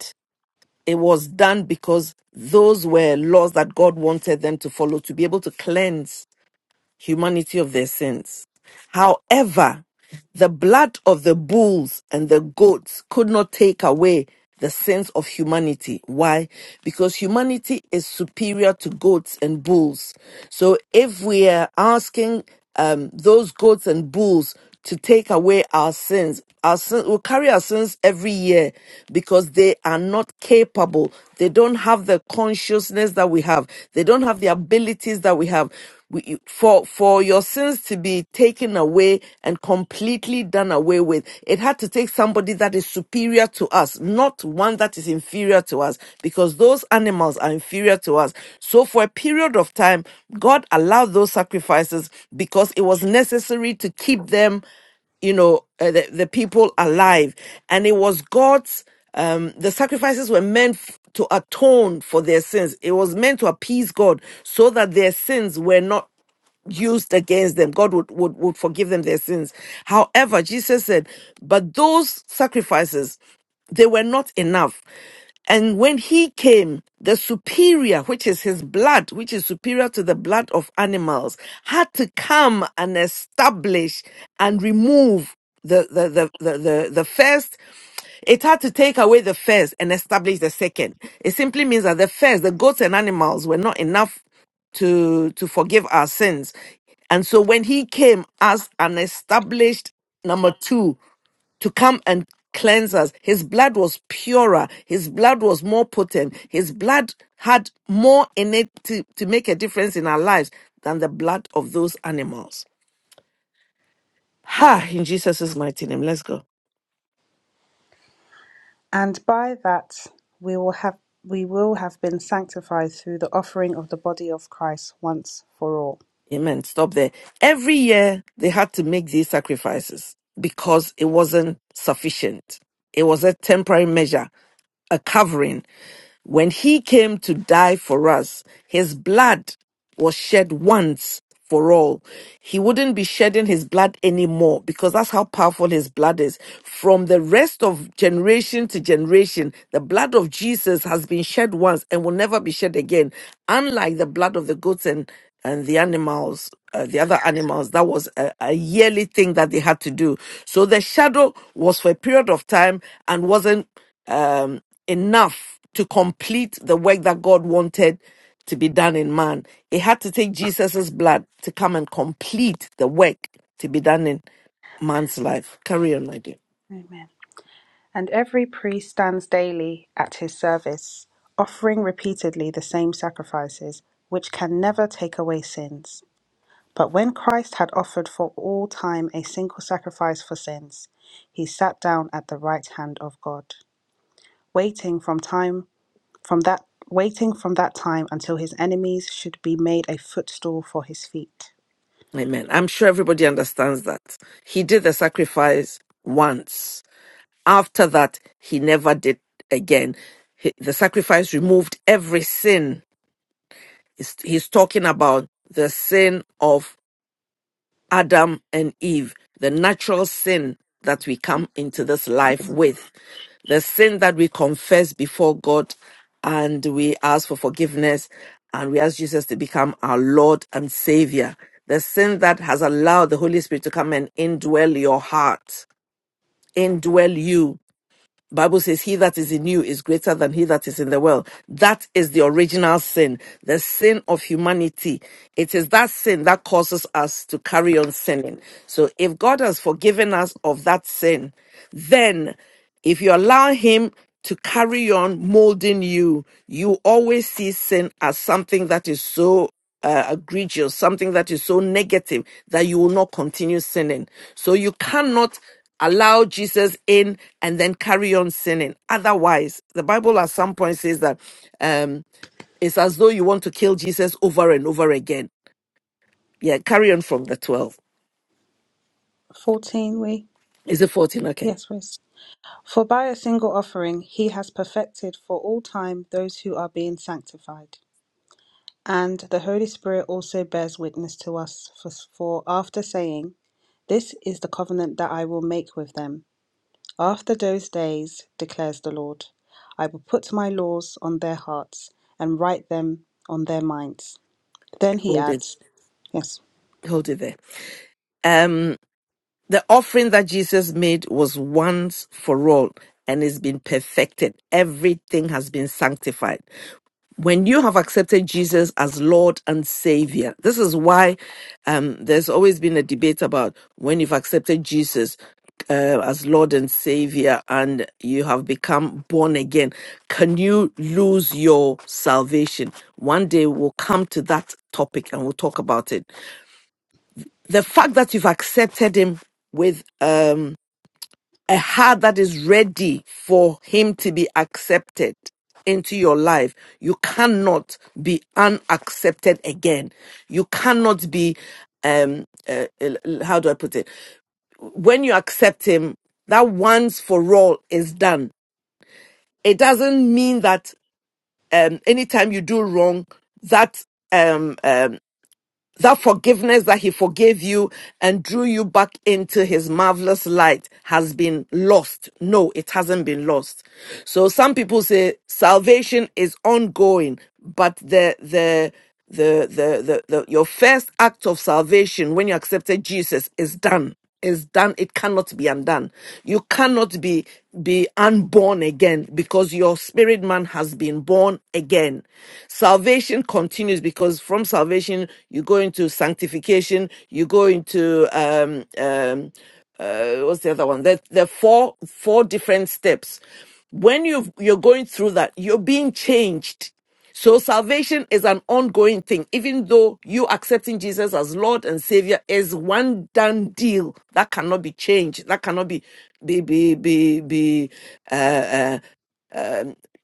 Speaker 2: it was done because those were laws that God wanted them to follow to be able to cleanse humanity of their sins. However, the blood of the bulls and the goats could not take away the sins of humanity. Why? Because humanity is superior to goats and bulls. So if we are asking um, those goats and bulls to take away our sins. Our sins we carry our sins every year because they are not capable. They don't have the consciousness that we have. They don't have the abilities that we have. We, for for your sins to be taken away and completely done away with, it had to take somebody that is superior to us, not one that is inferior inferior to us because those animals are inferior to us. So, for a period of time, God allowed those sacrifices because it was necessary to keep them you know uh, the, the people alive and it was god's um the sacrifices were meant f- to atone for their sins it was meant to appease god so that their sins were not used against them god would, would would forgive them their sins however jesus said but those sacrifices they were not enough and when he came, the superior, which is his blood, which is superior to the blood of animals, had to come and establish and remove the, the, the, the, the, the first. It had to take away the first and establish the second. It simply means that the first, the goats and animals, were not enough to to forgive our sins. And so when he came as an established number 2 to come and cleanse us, his blood was purer, his blood was more potent, his blood had more in it to, to make a difference in our lives than the blood of those animals. Ha, in Jesus' mighty name. Let's go.
Speaker 5: And by that we will have we will have been sanctified through the offering of the body of Christ once for all.
Speaker 2: Amen. Stop there. Every year they had to make these sacrifices because it wasn't sufficient. It was a temporary measure, a covering. When he came to die for us, his blood was shed once for all. He wouldn't be shedding his blood anymore because that's how powerful his blood is. From the rest of generation to generation, the blood of Jesus has been shed once and will never be shed again, unlike the blood of the goats and and the animals, uh, the other animals, that was a, a yearly thing that they had to do. So the shadow was for a period of time and wasn't um, enough to complete the work that God wanted to be done in man. It had to take Jesus's blood to come and complete the work to be done in man's life. Carry on, my dear.
Speaker 5: Amen. And every priest stands daily at his service, offering repeatedly the same sacrifices, which can never take away sins But when Christ had offered for all time a single sacrifice for sins, he sat down at the right hand of God, waiting from time from that waiting from that time until his enemies should be made a footstool for his feet.
Speaker 2: Amen. I'm sure everybody understands that. He did the sacrifice once After that, he never did again. He- the sacrifice removed every sin. He's, he's talking about the sin of Adam and Eve, the natural sin that we come into this life with, the sin that we confess before God and we ask for forgiveness and we ask Jesus to become our Lord and Savior. The sin that has allowed the Holy Spirit to come and indwell your heart, indwell you. Bible says, He that is in you is greater than he that is in the world. That is the original sin, the sin of humanity. It is that sin that causes us to carry on sinning. So if God has forgiven us of that sin, then if you allow Him to carry on molding you, you always see sin as something that is so uh, egregious, something that is so negative that you will not continue sinning. So you cannot allow Jesus in and then carry on sinning. Otherwise, the Bible at some point says that um, it's as though you want to kill Jesus over and over again. Yeah, carry on from the 12.
Speaker 5: 14 we
Speaker 2: Is it 14? Okay,
Speaker 5: yes, Wes. For by a single offering he has perfected for all time those who are being sanctified. And the Holy Spirit also bears witness to us for, for after saying, this is the covenant that I will make with them After those days, declares the Lord, I will put my laws on their hearts and write them on their minds. Then he
Speaker 2: hold it,
Speaker 5: adds, yes,
Speaker 2: hold it there. Um, the offering that Jesus made was once for all and it's been perfected. Everything has been sanctified. when you have accepted Jesus as Lord and Savior, this is why um, there's always been a debate about when you've accepted Jesus uh, as Lord and Savior and you have become born again, can you lose your salvation? One day we'll come to that topic and we'll talk about it. The fact that you've accepted Him with um, a heart that is ready for him to be accepted into your life you cannot be unaccepted again you cannot be um uh, how do i put it when you accept him that once for all is done it doesn't mean that um anytime you do wrong that um, um, that forgiveness that he forgave you and drew you back into his marvelous light has been lost. No, it hasn't been lost. So some people say salvation is ongoing, but the, the, the, the, the, the your first act of salvation when you accepted Jesus is done is done it cannot be undone you cannot be be unborn again because your spirit man has been born again salvation continues because from salvation you go into sanctification you go into um um uh, what's the other one there, there are four four different steps when you you're going through that you're being changed so salvation is an ongoing thing, even though you accepting Jesus as Lord and Savior is one done deal that cannot be changed, that cannot be be be be be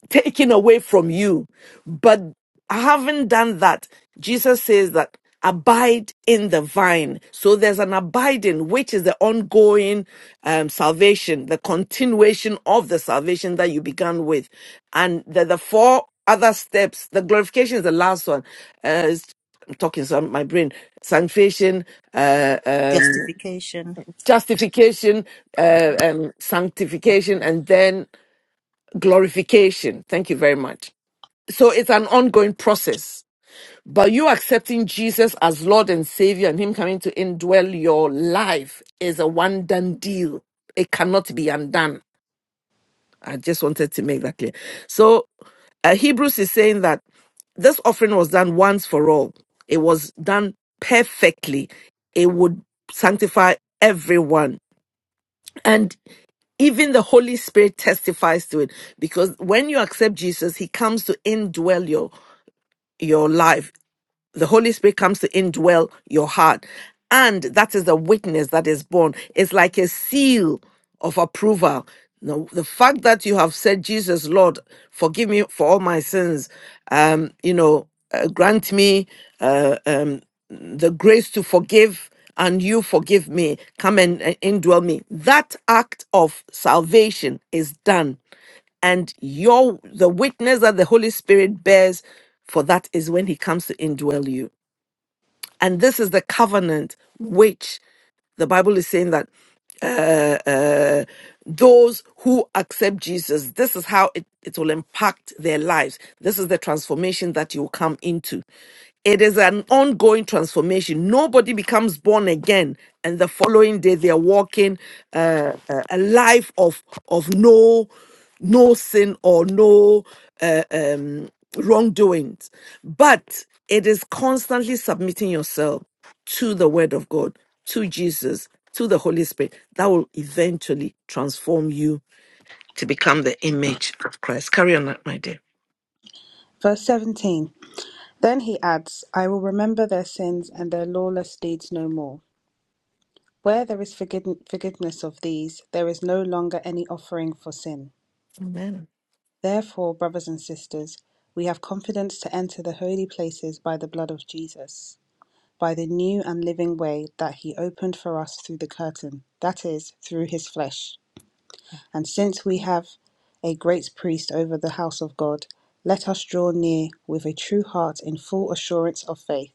Speaker 2: taken away from you. But having done that, Jesus says that abide in the vine. So there's an abiding, which is the ongoing um, salvation, the continuation of the salvation that you began with. And the, the four other steps, the glorification is the last one. Uh, it's- I'm talking so my brain sanctification, uh, um,
Speaker 8: justification
Speaker 2: justification, uh, um, sanctification, and then glorification. Thank you very much. So it's an ongoing process. But you accepting Jesus as Lord and Savior and Him coming to indwell your life is a one done deal. It cannot be undone. I just wanted to make that clear. So uh, Hebrews is saying that this offering was done once for all, it was done perfectly. It would sanctify everyone. And even the Holy Spirit testifies to it because when you accept Jesus, He comes to indwell your your life the Holy Spirit comes to indwell your heart. And that is the witness that is born. It's like a seal of approval. Now, the fact that you have said, Jesus, Lord, forgive me for all my sins, um, you know, uh, grant me uh, um, the grace to forgive and you forgive me, come and, and indwell me. That act of salvation is done and your the witness that the holy spirit bears for that is when he comes to indwell you and this is the covenant which the bible is saying that uh, uh, those who accept Jesus, this is how it, it will impact their lives. This is the transformation that you will come into. It is an ongoing transformation. Nobody becomes born again, and the following day they are walking uh, a a life of of no no sin or no uh, um, wrongdoings. But it is constantly submitting yourself to the Word of God, to Jesus, to the Holy Spirit, that will eventually transform you to become the image of Christ. Carry on, my dear.
Speaker 5: verse 17. Then he adds, I will remember their sins and their lawless deeds no more. Where there is forgid- forgiveness of these, there is no longer any offering for sin.
Speaker 2: Amen.
Speaker 5: Therefore, brothers and sisters, we have confidence to enter the holy places by the blood of Jesus by the new and living way that he opened for us through the curtain, that is, through his flesh. And since we have a great priest over the house of God, let us draw near with a true heart in full assurance of faith,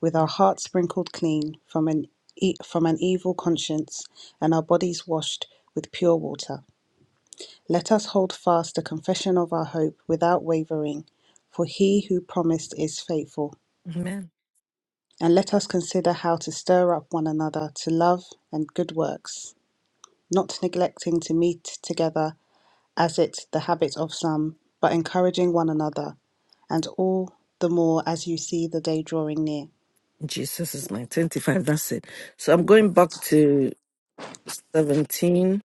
Speaker 5: with our hearts sprinkled clean from an e- from an evil conscience and our bodies washed with pure water. Let us hold fast the confession of our hope without wavering, for he who promised is faithful.
Speaker 2: Amen.
Speaker 5: And let us consider how to stir up one another to love and good works, not neglecting to meet together as it the habit of some, but encouraging one another, and all the more as you see the day drawing near.
Speaker 2: Jesus is my 25. That's it. So I'm going back to 17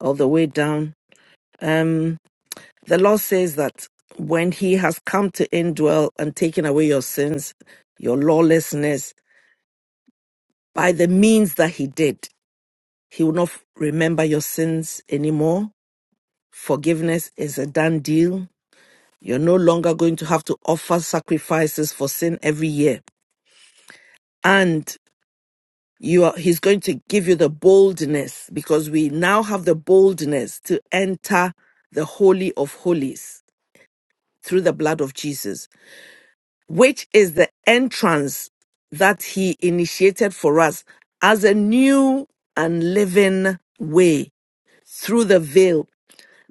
Speaker 2: all the way down. Um, the law says that when he has come to indwell and taken away your sins, your lawlessness, by the means that he did, he will not f- remember your sins anymore. Forgiveness is a done deal. You're no longer going to have to offer sacrifices for sin every year. And you are he's going to give you the boldness because we now have the boldness to enter the holy of holies through the blood of Jesus which is the entrance that he initiated for us as a new and living way through the veil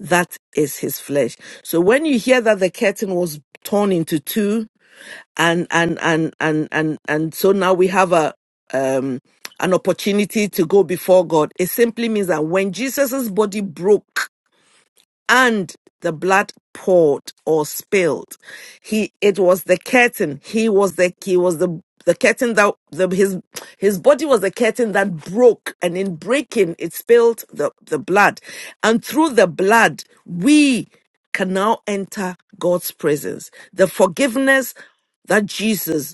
Speaker 2: that is his flesh. So when you hear that the curtain was torn into two, and and and and and and so now we have a um an opportunity to go before God. It simply means that when Jesus's body broke and the blood poured or spilled he it was the curtain he was the he was the the curtain that the, his his body was the curtain that broke and in breaking it spilled the the blood and through the blood we can now enter god's presence the forgiveness that jesus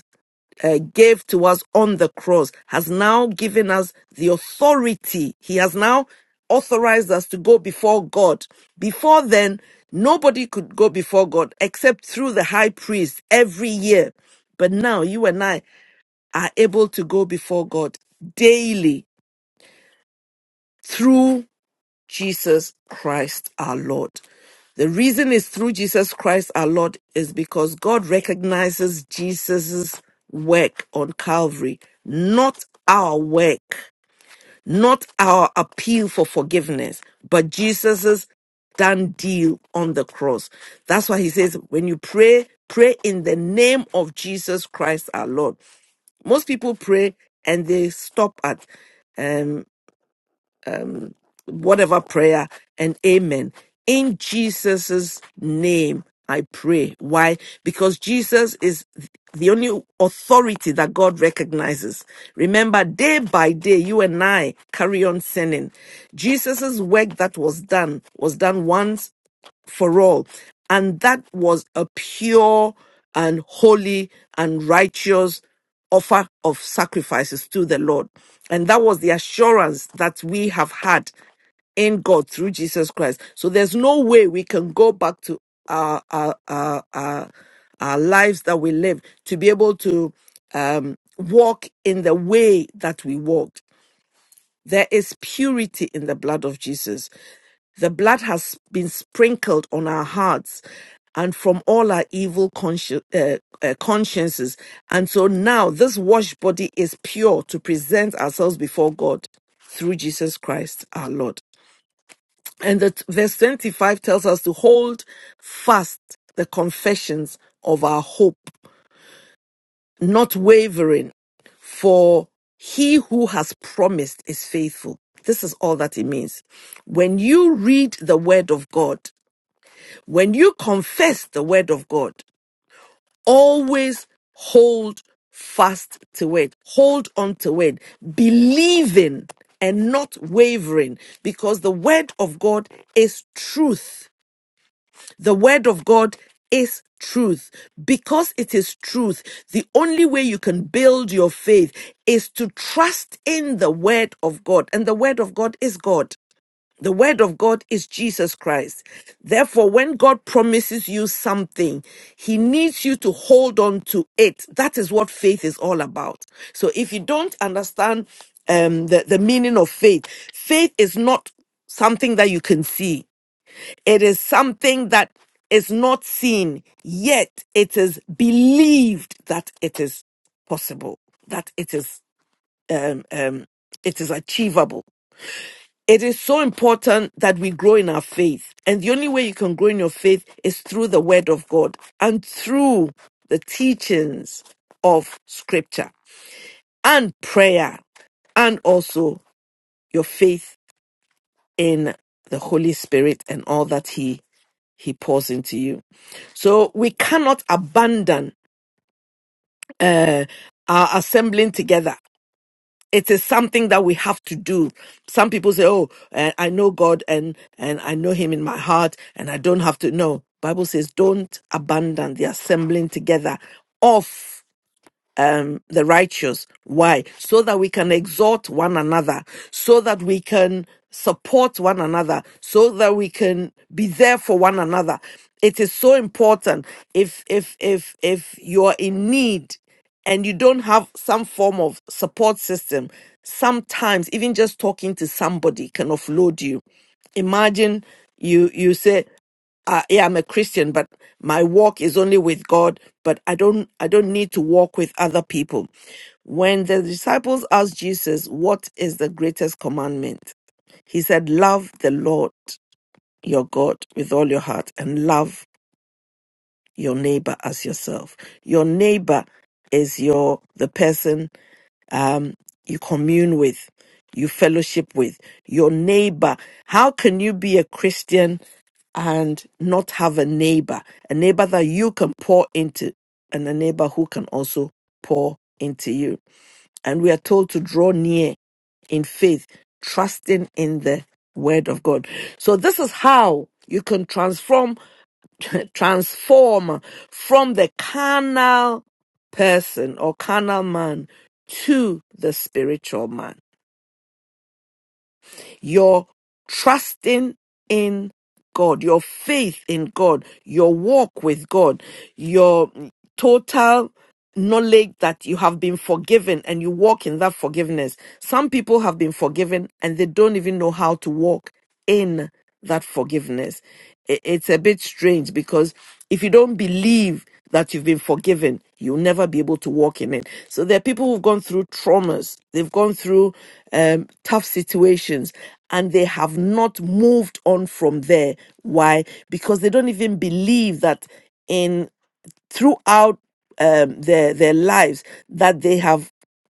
Speaker 2: uh, gave to us on the cross has now given us the authority. He has now authorized us to go before God. Before then, nobody could go before God except through the high priest every year. But now you and I are able to go before God daily through Jesus Christ our Lord. The reason is through Jesus Christ our Lord is because God recognizes Jesus' work on Calvary, not our work, not our appeal for forgiveness, but Jesus' done deal on the cross. That's why he says, when you pray, pray in the name of Jesus Christ our Lord. Most people pray and they stop at, um, whatever prayer and amen. In Jesus' name, I pray. Why? Because Jesus is the only authority that God recognizes. Remember, day by day, you and I carry on sinning. Jesus' work that was done was done once for all. And that was a pure and holy and righteous offer of sacrifices to the Lord. And that was the assurance that we have had in God through Jesus Christ. So there's no way we can go back to our our our, our, our lives that we live to be able to um, walk in the way that we walked. There is purity in the blood of Jesus. The blood has been sprinkled on our hearts and from all our evil consci- uh, uh, consciences. And so now this washed body is pure to present ourselves before God through Jesus Christ our Lord. And that verse 25 tells us to hold fast the confessions of our hope not wavering, for he who has promised is faithful. This is all that it means. When you read the word of God, when you confess the word of God, always hold fast to it, hold on to it, believing and not wavering, because the word of God is truth the word of God is truth. Because it is truth, the only way you can build your faith is to trust in the word of God. And the word of God is God. The word of God is Jesus Christ. Therefore, when God promises you something, he needs you to hold on to it. That is what faith is all about. So if you don't understand um, the, the meaning of faith, faith is not something that you can see. It is something that is not seen, yet it is believed that it is possible, that it is um, um, it is achievable. It is so important that we grow in our faith. And the only way you can grow in your faith is through the word of God and through the teachings of scripture and prayer and also your faith in the Holy Spirit and all that He he pours into you. So we cannot abandon uh, our assembling together. It is something that we have to do. Some people say, "Oh, uh, I know God and and I know Him in my heart, and I don't have to." No, Bible says, "Don't abandon the assembling together of." um, the righteous. Why? So that we can exhort one another, so that we can support one another, so that we can be there for one another. It is so important. If if if if you are in need and you don't have some form of support system, sometimes even just talking to somebody can offload you. Imagine you you say uh, yeah, I'm a Christian, but my walk is only with God, but I don't I don't need to walk with other people. When the disciples asked Jesus, "What is the greatest commandment?" He said, "Love the Lord your God with all your heart and love your neighbor as yourself." Your neighbor is your the person um, you commune with, you fellowship with, your neighbor. How can you be a Christian and not have a neighbor? A neighbor that you can pour into and a neighbor who can also pour into you. And we are told to draw near in faith, trusting in the word of God. So this is how you can transform [laughs] transform from the carnal person or carnal man to the spiritual man. Your trusting in God, your faith in God, your walk with God, your total knowledge that you have been forgiven and you walk in that forgiveness. Some people have been forgiven and they don't even know how to walk in that forgiveness. I- It's a bit strange because if you don't believe that you've been forgiven, you'll never be able to walk in it. So there are people who've gone through traumas, they've gone through um, tough situations, and they have not moved on from there. Why? Because they don't even believe that in throughout um, their their lives that they have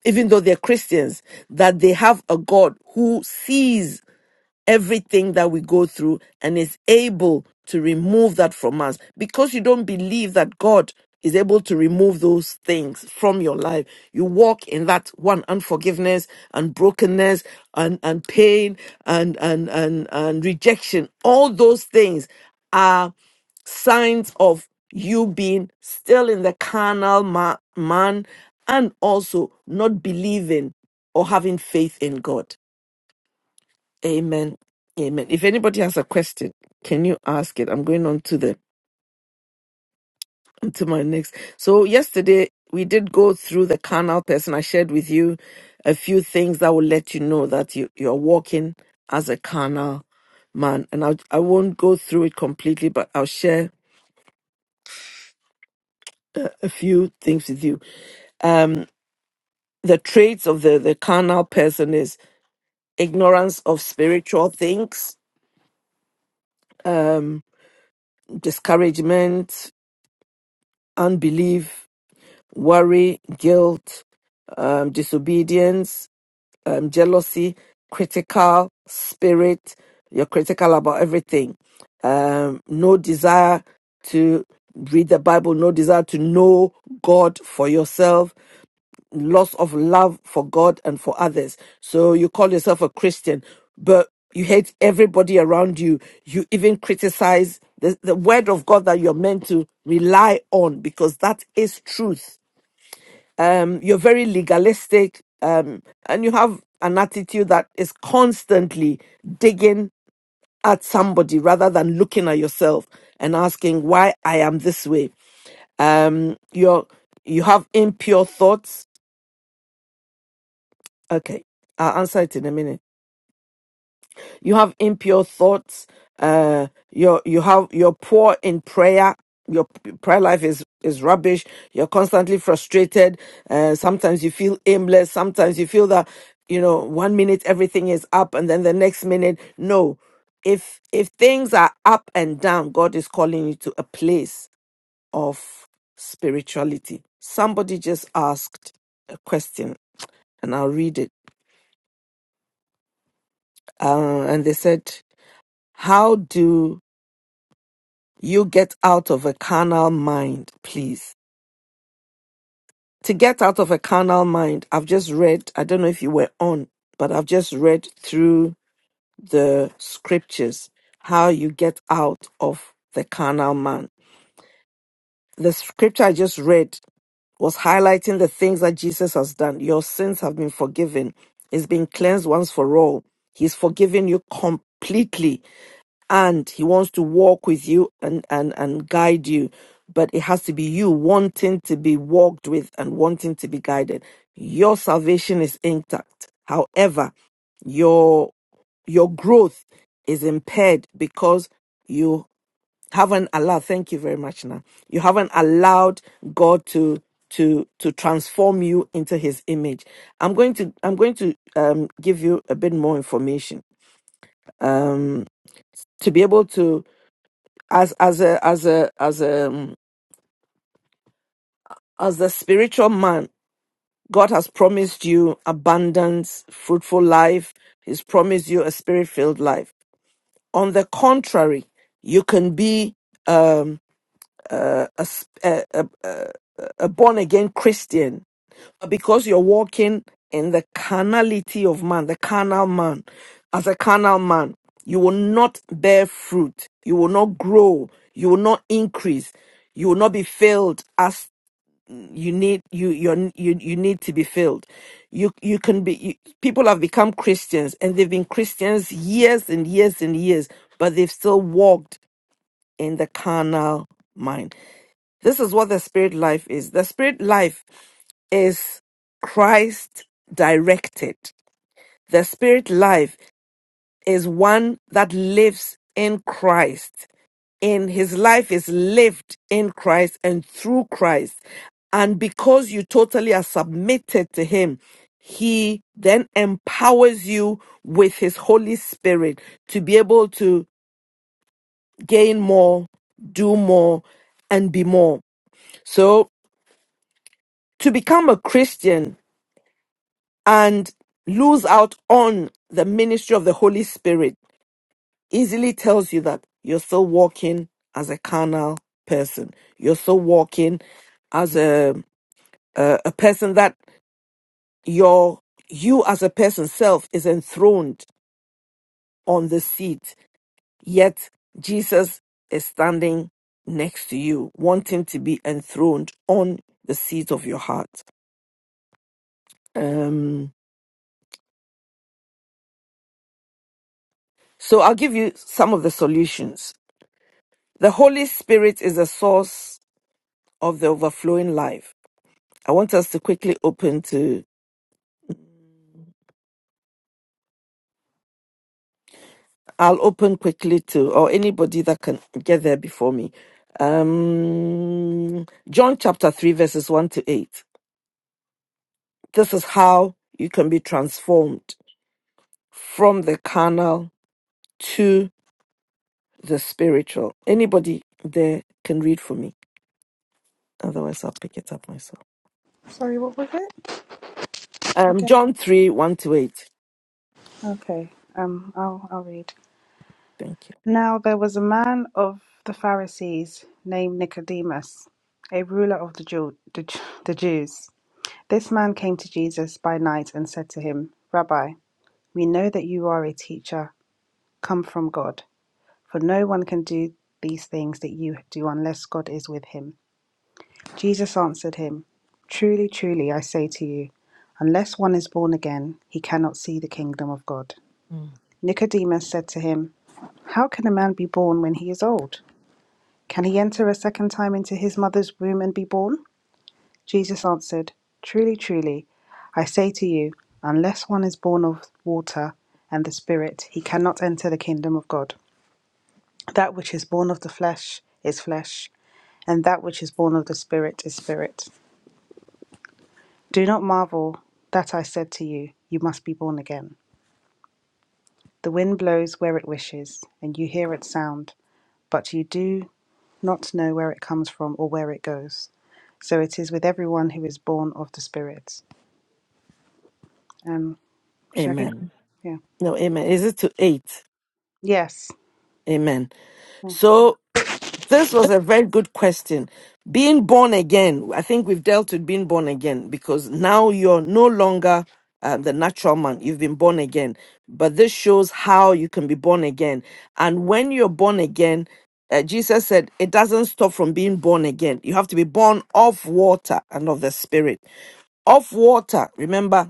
Speaker 2: even though they're Christians, that they have a God who sees everything that we go through and is able to remove that from us. Because you don't believe that God is able to remove those things from your life, you walk in that one unforgiveness and brokenness and, and pain and, and, and, and rejection. All those things are signs of you being still in the carnal ma- man and also not believing or having faith in God. Amen. Amen. If anybody has a question, can you ask it? I'm going on to the to my next. So yesterday we did go through the carnal person. I shared with you a few things that will let you know that you, you're walking as a carnal man. And I I won't go through it completely, but I'll share a few things with you. The traits of the, the carnal person is ignorance of spiritual things, um, discouragement, unbelief, worry, guilt, um, disobedience, um, jealousy, critical spirit. You're critical about everything. Um, no desire to read the Bible, no desire to know God for yourself, loss of love for God and for others. So you call yourself a Christian, but you hate everybody around you. You even criticize the, the word of God that you're meant to rely on because that is truth um, you're very legalistic, um, and you have an attitude that is constantly digging at somebody rather than looking at yourself and asking why I am this way. Um, you're you have impure thoughts. Okay, I'll answer it in a minute you have impure thoughts uh you you have you're poor in prayer your p- prayer life is is rubbish you're constantly frustrated uh sometimes you feel aimless sometimes you feel that you know one minute everything is up and then the next minute no if if things are up and down god is calling you to a place of spirituality somebody just asked a question and i'll read it uh, and they said how do you get out of a carnal mind, please. To get out of a carnal mind, I've just read, I don't know if you were on, but I've just read through the scriptures how you get out of the carnal man. The scripture I just read was highlighting the things that Jesus has done. Your sins have been forgiven, it's been cleansed once for all. He's forgiven you completely and he wants to walk with you and, and, and guide you. But it has to be you wanting to be walked with and wanting to be guided. Your salvation is intact. However, your your growth is impaired because you haven't allowed thank you very much now you haven't allowed god to to to transform you into his image i'm going to i'm going to um give you a bit more information um to be able to as as a as a as a um, as a spiritual man god has promised you abundance fruitful life he's promised you a spirit filled life on the contrary you can be a born again christian but because you're walking in the carnality of man the carnal man as a carnal man you will not bear fruit you will not grow you will not increase you will not be filled as. you need you you're, you you need to be filled you you can be you, people have become christians and they've been christians years and years and years but they've still walked in the carnal mind this is what the spirit life is the spirit life is christ directed the spirit life is one that lives in christ in his life is lived in Christ and through Christ. And because you totally are submitted to him, he then empowers you with his Holy Spirit to be able to gain more, do more, and be more. So to become a Christian and lose out on the ministry of the Holy Spirit easily tells you that you're still walking as a carnal person. You're still walking as a a, a person that your you as a person self is enthroned on the seat. Yet Jesus is standing next to you, wanting to be enthroned on the seat of your heart. Um, so I'll give you some of the solutions. The Holy Spirit is the source of the overflowing life. I want us to quickly open to. I'll open quickly to, or anybody that can get there before me. Um, John chapter 3, verses 1 to 8. This is how you can be transformed from the carnal to the spiritual. Anybody there can read for me. Otherwise, I'll pick it up myself.
Speaker 5: Sorry, what was it?
Speaker 2: Um,
Speaker 5: Again.
Speaker 2: John 3, 1 to 8.
Speaker 5: Okay. Um I'll I'll read.
Speaker 2: Thank you.
Speaker 5: Now there was a man of the Pharisees named Nicodemus, a ruler of the Jew, the, Ju- the Jews. This man came to Jesus by night and said to him, "Rabbi, We know that you are a teacher come from God, for no one can do these things that you do unless God is with him. Jesus answered him, Truly, truly, I say to you, unless one is born again, he cannot see the kingdom of God. Nicodemus said to him, How can a man be born when he is old? Can he enter a second time into his mother's womb and be born? Jesus answered, Truly, truly, I say to you, unless one is born of water and the Spirit, he cannot enter the kingdom of God. That which is born of the flesh is flesh, and that which is born of the Spirit is spirit. Do not marvel that I said to you, You must be born again. The wind blows where it wishes, and you hear its sound, but you do not know where it comes from or where it goes. So it is with everyone who is born of the Spirit. Um, should I keep?
Speaker 2: Amen.
Speaker 5: Yeah.
Speaker 2: No, amen. Is it to 8?
Speaker 5: Yes.
Speaker 2: Amen.
Speaker 5: Yeah.
Speaker 2: So This was a very good question. Being born again, I think we've dealt with being born again because now you're no longer uh, the natural man. You've been born again. But this shows how you can be born again. And when you're born again, uh, Jesus said it doesn't stop from being born again. You have to be born of water and of the Spirit. Of water, remember,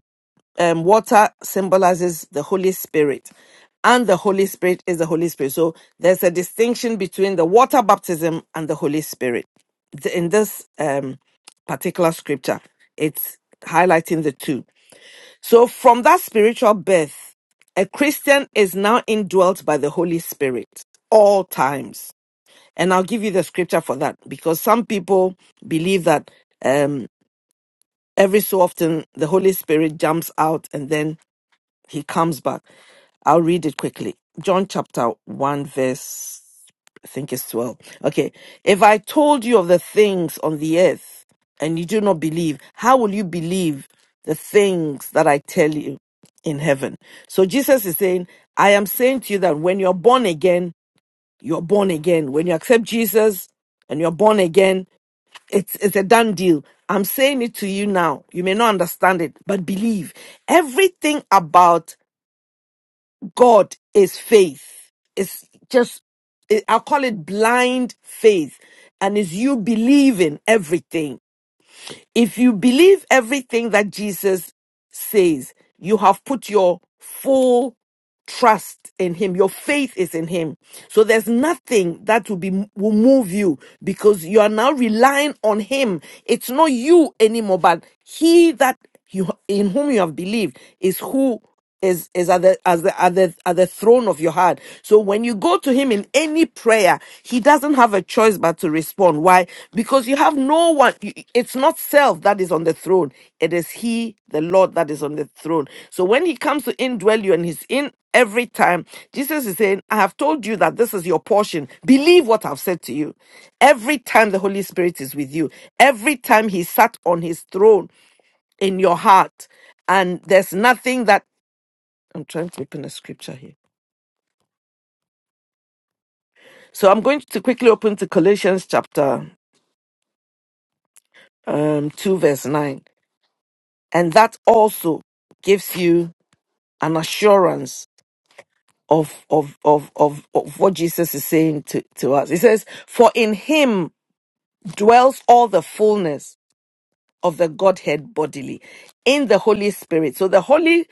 Speaker 2: um, water symbolizes the Holy Spirit, and the Holy Spirit is the Holy Spirit. So there's a distinction between the water baptism and the Holy Spirit. The- In this um, particular scripture, it's highlighting the two. So from that spiritual birth, a Christian is now indwelt by the Holy Spirit all times. And I'll give you the scripture for that because some people believe that um, every so often the Holy Spirit jumps out and then he comes back. I'll read it quickly. John chapter 1, verse, I think it's 12. Okay. If I told you of the things on the earth and you do not believe, how will you believe the things that I tell you in heaven? So Jesus is saying, I am saying to you that when you're born again, you're born again. When you accept Jesus and you're born again, it's, it's a done deal. I'm saying it to you now. You may not understand it, but believe. Everything about God is faith. It's just, it, I call it blind faith. And it's you believing everything. If you believe everything that Jesus says, you have put your full trust in him your faith is in him so there's nothing that will be will move you because you are now relying on him it's not you anymore but he that you in whom you have believed is who is is at the as the at the at the throne of your heart. So when you go to him in any prayer, he doesn't have a choice but to respond. Why? Because you have no one. you- It's not self that is on the throne. It is he, the Lord, that is on the throne. So when he comes to indwell you, and he's in every time, Jesus is saying, "I have told you that this is your portion. Believe what I've said to you." Every time the Holy Spirit is with you, every time he sat on his throne in your heart and there's nothing that I'm trying to open a scripture here. So I'm going to quickly open to Colossians chapter um, 2, verse 9. And that also gives you an assurance of, of, of, of, of what Jesus is saying to, to us. He says, For in him dwells all the fullness of the Godhead bodily in the Holy Spirit. So the Holy,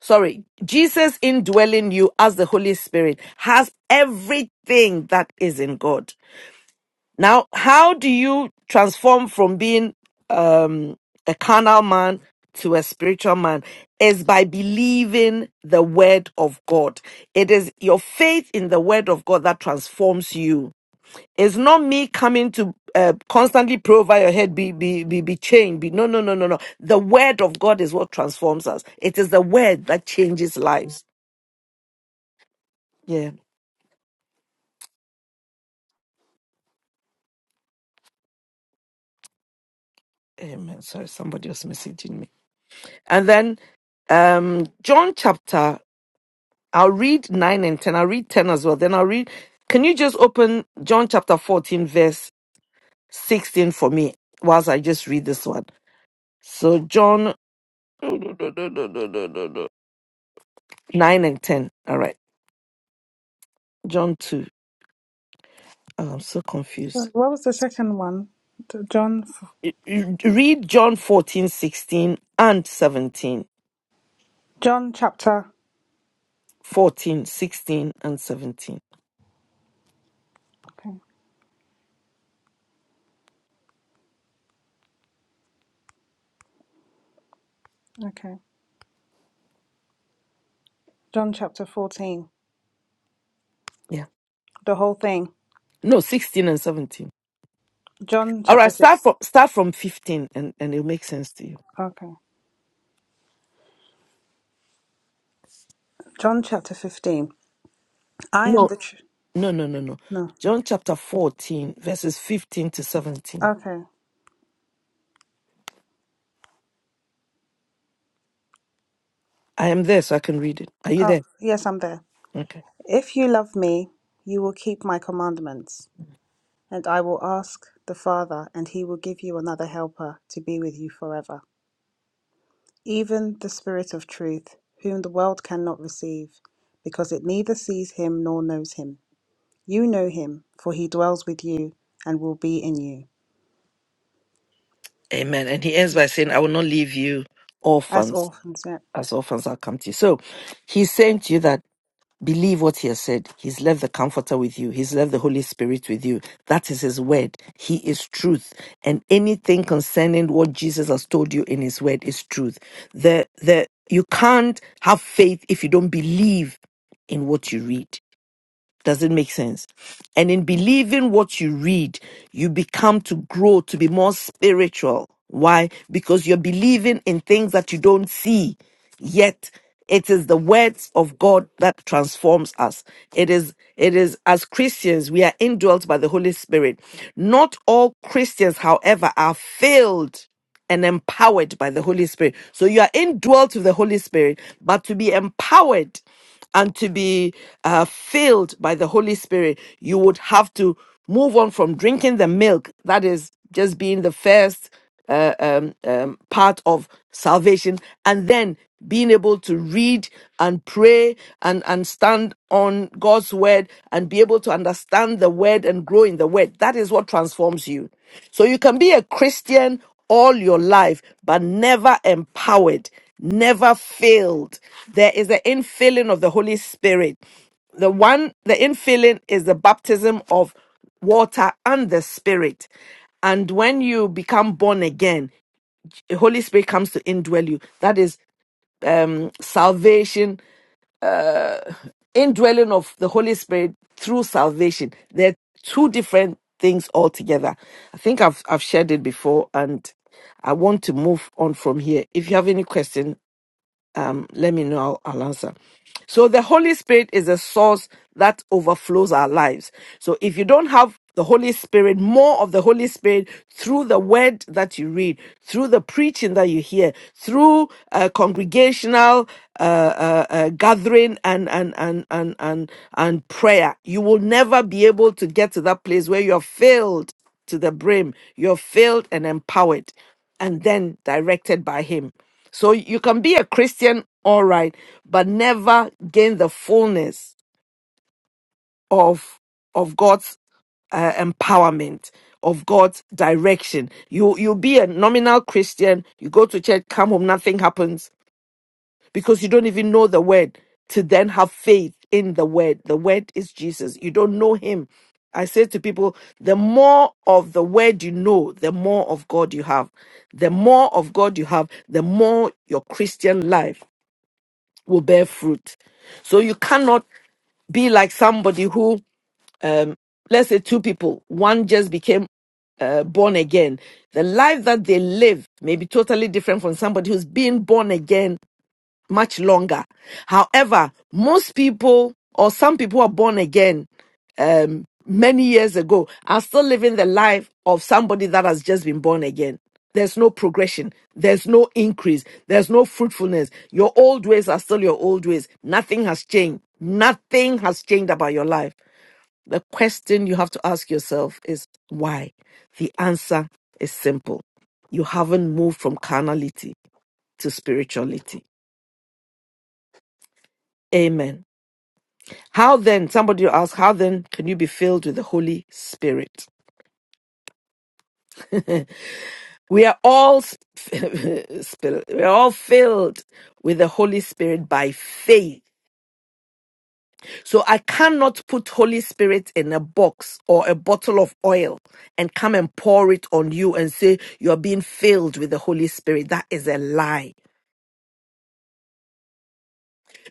Speaker 2: sorry, Jesus indwelling you as the Holy Spirit has everything that is in God. Now, how do you transform from being um, a carnal man to a spiritual man? Is by believing the word of God. It is your faith in the word of God that transforms you. It's not me coming to uh, constantly pray over your head, be, be, be, be chained. Be, no, no, no, no, no. The word of God is what transforms us. It is the word that changes lives. Yeah. Amen. Sorry, somebody was messaging me. And then um, John chapter I'll read 9 and 10. I'll read 10 as well. Then I'll read. Can you just open John chapter 14, verse 16 for me whilst I just read this one? So, John 9 and 10. All right. John 2. Oh, I'm so
Speaker 5: So
Speaker 2: confused.
Speaker 5: what was the second one? T- John.
Speaker 2: Read John 14, 16, and 17.
Speaker 5: John chapter.
Speaker 2: 14, 16, and 17.
Speaker 5: Okay. Okay. John chapter fourteen.
Speaker 2: Yeah.
Speaker 5: The whole thing.
Speaker 2: No, 16 and 17.
Speaker 5: John
Speaker 2: All
Speaker 5: chapter
Speaker 2: right.
Speaker 5: 6.
Speaker 2: Start from, start from 15 and, and it'll make sense to you.
Speaker 5: Okay. John chapter 15. I
Speaker 2: No.
Speaker 5: am the tr-
Speaker 2: No, no, no, no.
Speaker 5: No.
Speaker 2: John chapter 14, verses 15 to 17.
Speaker 5: Okay.
Speaker 2: I am there, so I can read it. Are you
Speaker 5: Oh,
Speaker 2: there?
Speaker 5: yes, I'm there.
Speaker 2: Okay.
Speaker 5: If you love me, you will keep my commandments, and I will ask the Father, and he will give you another helper to be with you forever, even the Spirit of truth, whom the world cannot receive, because it neither sees him nor knows him. You know him, for he dwells with you and will be in you.
Speaker 2: Amen. And he ends by saying, I will not leave you
Speaker 5: As
Speaker 2: orphans,
Speaker 5: orphans, yeah.
Speaker 2: as orphans I'll come to you. So he's saying to you that believe what he has said. He's left the comforter with you, he's left the Holy Spirit with you. That is his word. He is truth. And anything concerning what Jesus has told you in his word is truth. The the you can't have faith if you don't believe in what you read Does it make sense? And in believing what you read, you become to grow to be more spiritual. Why? Because you're believing in things that you don't see. Yet it is the words of God that transforms us. It is it is as Christians we are indwelt by the Holy Spirit. Not all Christians, however, are filled and empowered by the Holy Spirit. So you are indwelt with the Holy Spirit, but to be empowered and to be uh, filled by the Holy Spirit, you would have to move on from drinking the milk, that is, just being the first um, part of salvation and then being able to read and pray and, and stand on God's word and be able to understand the word and grow in the word. That is what transforms you. So you can be a Christian all your life, but never empowered, never failed. There is the infilling of the Holy Spirit. The one, the infilling is the baptism of water and the Spirit. And when you become born again, the Holy Spirit comes to indwell you. That is um, salvation, indwelling of the Holy Spirit through salvation. They're two different things altogether. I think I've I've shared it before, and I want to move on from here. If you have any question, um, let me know. I'll, I'll answer. So the Holy Spirit is a source that overflows our lives. So if you don't have the Holy Spirit, more of the Holy Spirit through the word that you read, through the preaching that you hear, through uh, congregational uh, uh, uh, gathering and and and and and and prayer, you will never be able to get to that place where you are filled to the brim. You're filled and empowered, and then directed by Him. So you can be a Christian, all right, but never gain the fullness of of God's uh, empowerment, of God's direction. You you'll be a nominal Christian. You go to church, come home, nothing happens because you don't even know the word to then have faith in the word. The word is Jesus. You don't know him. I say to people, the more of the word you know, the more of God you have. The more of God you have, the more your Christian life will bear fruit. So you cannot be like somebody who, um, let's say, two people, one just became uh, born again. The life that they live may be totally different from somebody who's been born again much longer. However, most people or some people who are born again um, many years ago are still living the life of somebody that has just been born again. There's no progression. There's no increase. There's no fruitfulness. Your old ways are still your old ways. Nothing has changed. Nothing has changed about your life. The question you have to ask yourself is why? The answer is simple. You haven't moved from carnality to spirituality. Amen. How then, somebody will ask? how then can you be filled with the Holy Spirit? We are all sp- [laughs] spill- we are all filled with the Holy Spirit by faith. So I cannot put Holy Spirit in a box or a bottle of oil and come and pour it on you and say you're being filled with the Holy Spirit. That is a lie.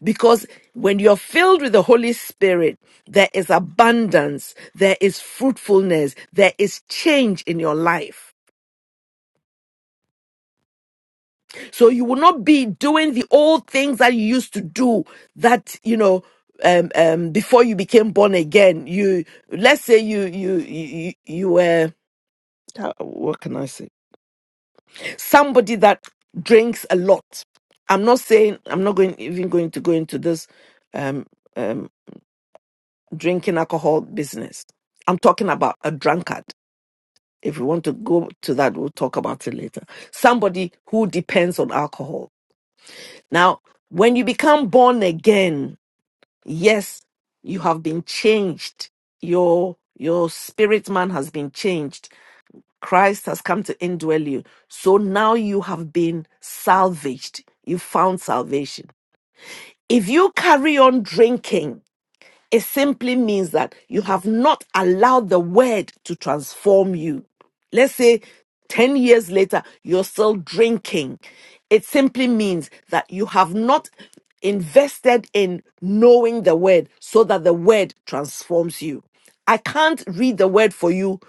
Speaker 2: Because when you're filled with the Holy Spirit, there is abundance, there is fruitfulness, there is change in your life. So you will not be doing the old things that you used to do that, you know, um, um, before you became born again. You, let's say you, you, you, you you were, how- what can I say? Somebody that drinks a lot. I'm not saying, I'm not going, even going to go into this, um, um, drinking alcohol business. I'm talking about a drunkard. If we want to go to that, we'll talk about it later. Somebody who depends on alcohol Now, when you become born again, yes, you have been changed. Your your spirit man has been changed. Christ has come to indwell you. So now you have been salvaged. You found salvation. If you carry on drinking, it simply means that you have not allowed the word to transform you. Let's say 10 years later, you're still drinking. It simply means that you have not invested in knowing the word so that the word transforms you. I can't read the word for you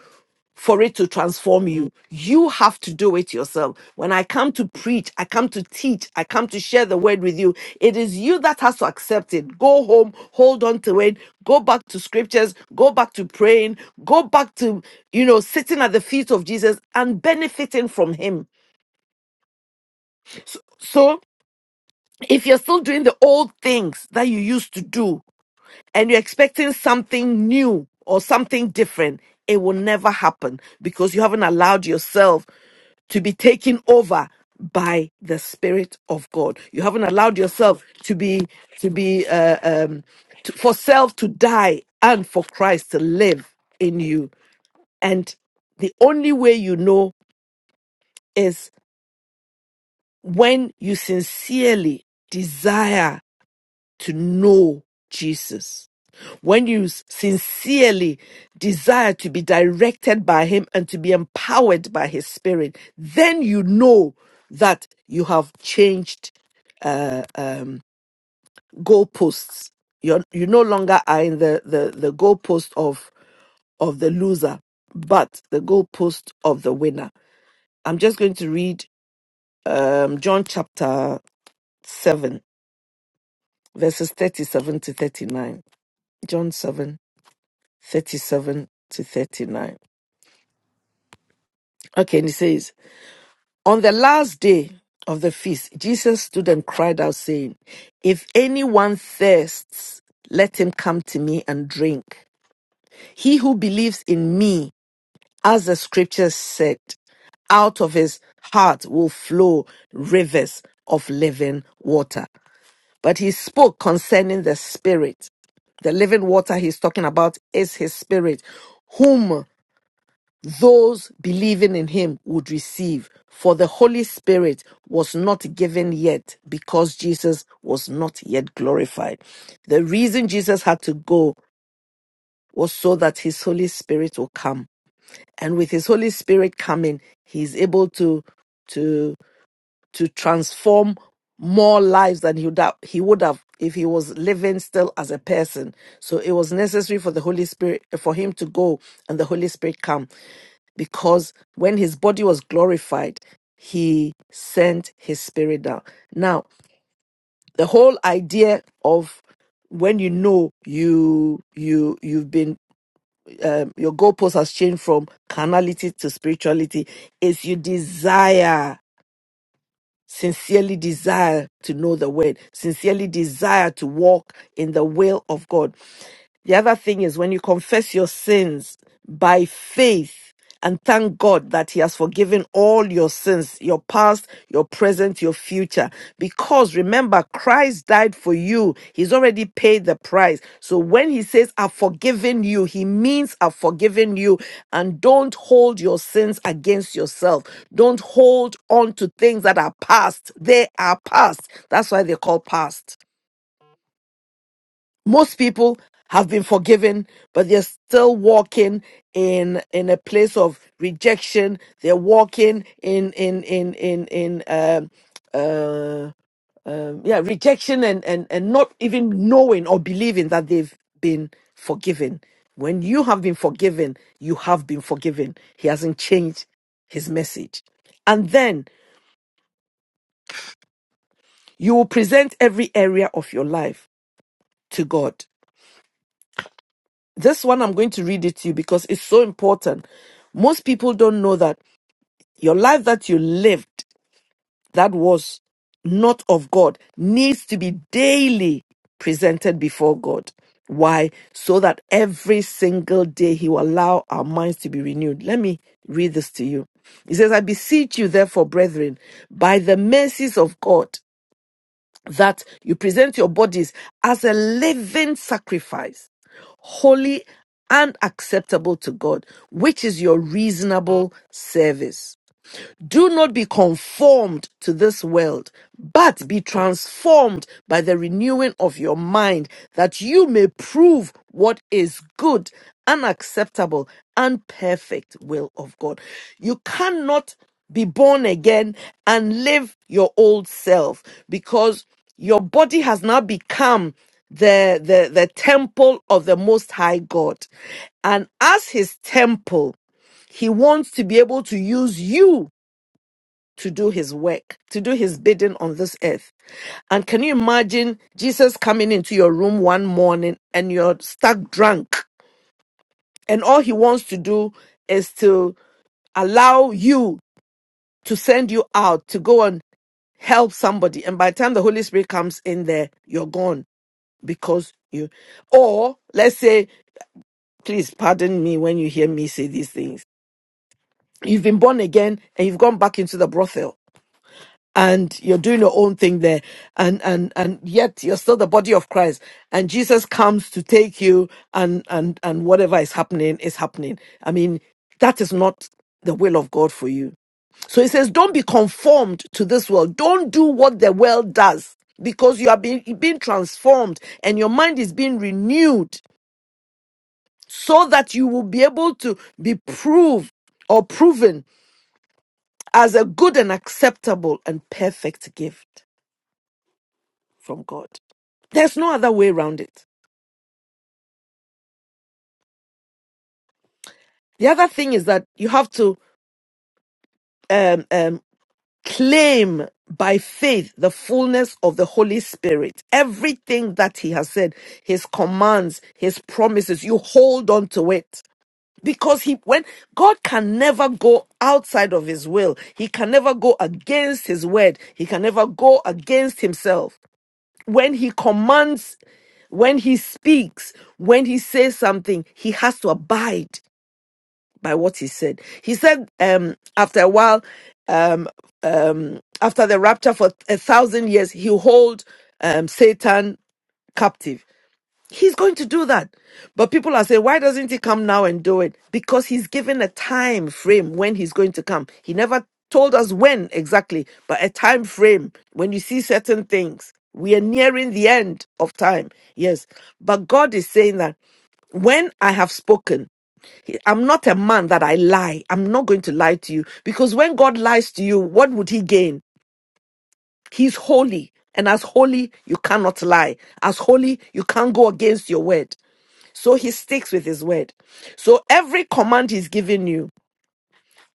Speaker 2: for it to transform you. You have to do it yourself. When I come to preach, I come to teach, I come to share the word with you. It is you that has to accept it. Go home, hold on to it, go back to scriptures, go back to praying, go back to, you know, sitting at the feet of Jesus and benefiting from him. So if you're still doing the old things that you used to do and you're expecting something new or something different, it will never happen because you haven't allowed yourself to be taken over by the spirit of god you haven't allowed yourself to be to be uh, um to, for self to die and for christ to live in you and the only way you know is when you sincerely desire to know Jesus, when you sincerely desire to be directed by Him and to be empowered by His Spirit, then you know that you have changed uh, goalposts. You're, you no longer are in the, the, the goalpost of, of the loser, but the goalpost of the winner. I'm just going to read um, John chapter 7, verses 37 to 39. John 7 37 to 39. Okay, and it says, On the last day of the feast, Jesus stood and cried out, saying, If anyone thirsts, let him come to me and drink. He who believes in me, as the scriptures said, out of his heart will flow rivers of living water. But he spoke concerning the Spirit the living water he's talking about is his spirit, whom those believing in him would receive, for the Holy Spirit was not given yet because Jesus was not yet glorified. The reason Jesus had to go was so that his Holy Spirit will come. And with his Holy Spirit coming, he's able to, to to transform more lives than he would have, he would have if he was living still as a person. So it was necessary for the Holy Spirit, for him to go and the Holy Spirit come because when his body was glorified, he sent his spirit down. Now, the whole idea of when you know you you you've been um, your goalpost has changed from carnality to spirituality is you desire sincerely desire to know the word, sincerely desire to walk in the will of God. The other thing is when you confess your sins by faith and thank God that He has forgiven all your sins, your past, your present, your future, because remember, Christ died for you. He's already paid the price. So when he says, I've forgiven you, he means I've forgiven you. And don't hold your sins against yourself. Don't hold on to things that are past. They are past. That's why they call past. Most people have been forgiven, but they're still walking in in a place of rejection. They're walking in in in in in um uh, um, yeah, rejection and, and, and not even knowing or believing that they've been forgiven. When you have been forgiven, you have been forgiven. He hasn't changed his message. And then you will present every area of your life to God. This one I'm going to read it to you because it's so important. Most people don't know that your life that you lived that was not of God needs to be daily presented before God. Why? So that every single day He will allow our minds to be renewed. Let me read this to you. He says, I beseech you, therefore, brethren, by the mercies of God, that you present your bodies as a living sacrifice, holy and acceptable to God, which is your reasonable service do not be conformed to this world, but be transformed by the renewing of your mind, that you may prove what is good unacceptable, and perfect will of God. You cannot be born again and live your old self because your body has now become the, the, the temple of the Most High God. And as his temple, he wants to be able to use you to do his work, to do his bidding on this earth. And can you imagine Jesus coming into your room one morning and you're stuck drunk, and all he wants to do is to allow you to send you out to go and help somebody. And by the time the Holy Spirit comes in there, you're gone because you, or let's say, please pardon me when you hear me say these things. You've been born again and you've gone back into the brothel and you're doing your own thing there and and and yet you're still the body of christ and jesus comes to take you and and and whatever is happening is happening i mean that is not the will of god for you so he says don't be conformed to this world don't do what the world does because you are being, being transformed and your mind is being renewed so that you will be able to be proved or proven as a good and acceptable and perfect gift from God. There's no other way around it. The other thing is that you have to um, um, claim by faith the fullness of the Holy Spirit. Everything that He has said, His commands, His promises, you hold on to it. Because he, when God can never go outside of his will, he can never go against his word, he can never go against himself. When he commands when he speaks, when he says something, he has to abide. by what he said. He said, um, after a while, um, after the rapture for a thousand years, he'll hold um, Satan captive. He's going to do that. But people are saying, why doesn't he come now and do it? Because he's given a time frame when he's going to come. He never told us when exactly, but a time frame. When you see certain things, we are nearing the end of time. Yes. But God is saying that when I have spoken, he- I'm not a man that I lie. I'm not going to lie to you because when God lies to you, what would he gain? He's holy. And as holy, you cannot lie. As holy, you can't go against your word. So he sticks with his word. So every command he's given you,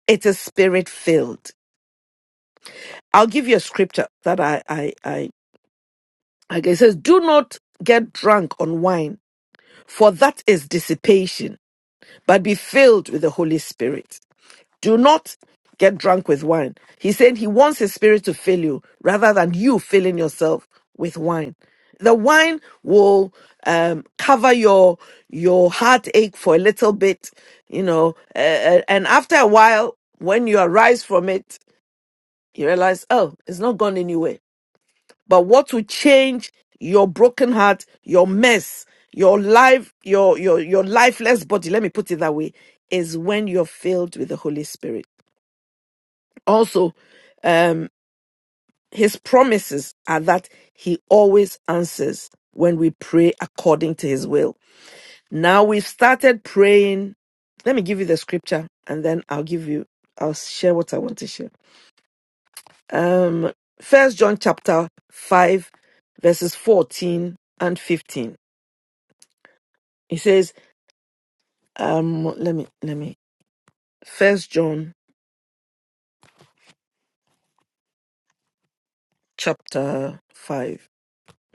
Speaker 2: it is spirit filled. I'll give you a scripture that I, I, I, I it says, do not get drunk on wine, for that is dissipation, but be filled with the Holy Spirit. Do not get drunk with wine. He said he wants his spirit to fill you rather than you filling yourself with wine. The wine will um, cover your your heartache for a little bit, you know, uh, uh, and after a while, when you arise from it, you realize, oh, it's not gone anywhere. But what will change your broken heart, your mess, your life, your your your lifeless body? Let me put it that way: is when you're filled with the Holy Spirit also, um, his promises are that he always answers when we pray according to his will. Now we've started praying. Let me give you the scripture and then I'll give you, I'll share what I want to share. Um, First John chapter 5, verses 14 and 15. He says, um, let me, let me, First John chapter 5,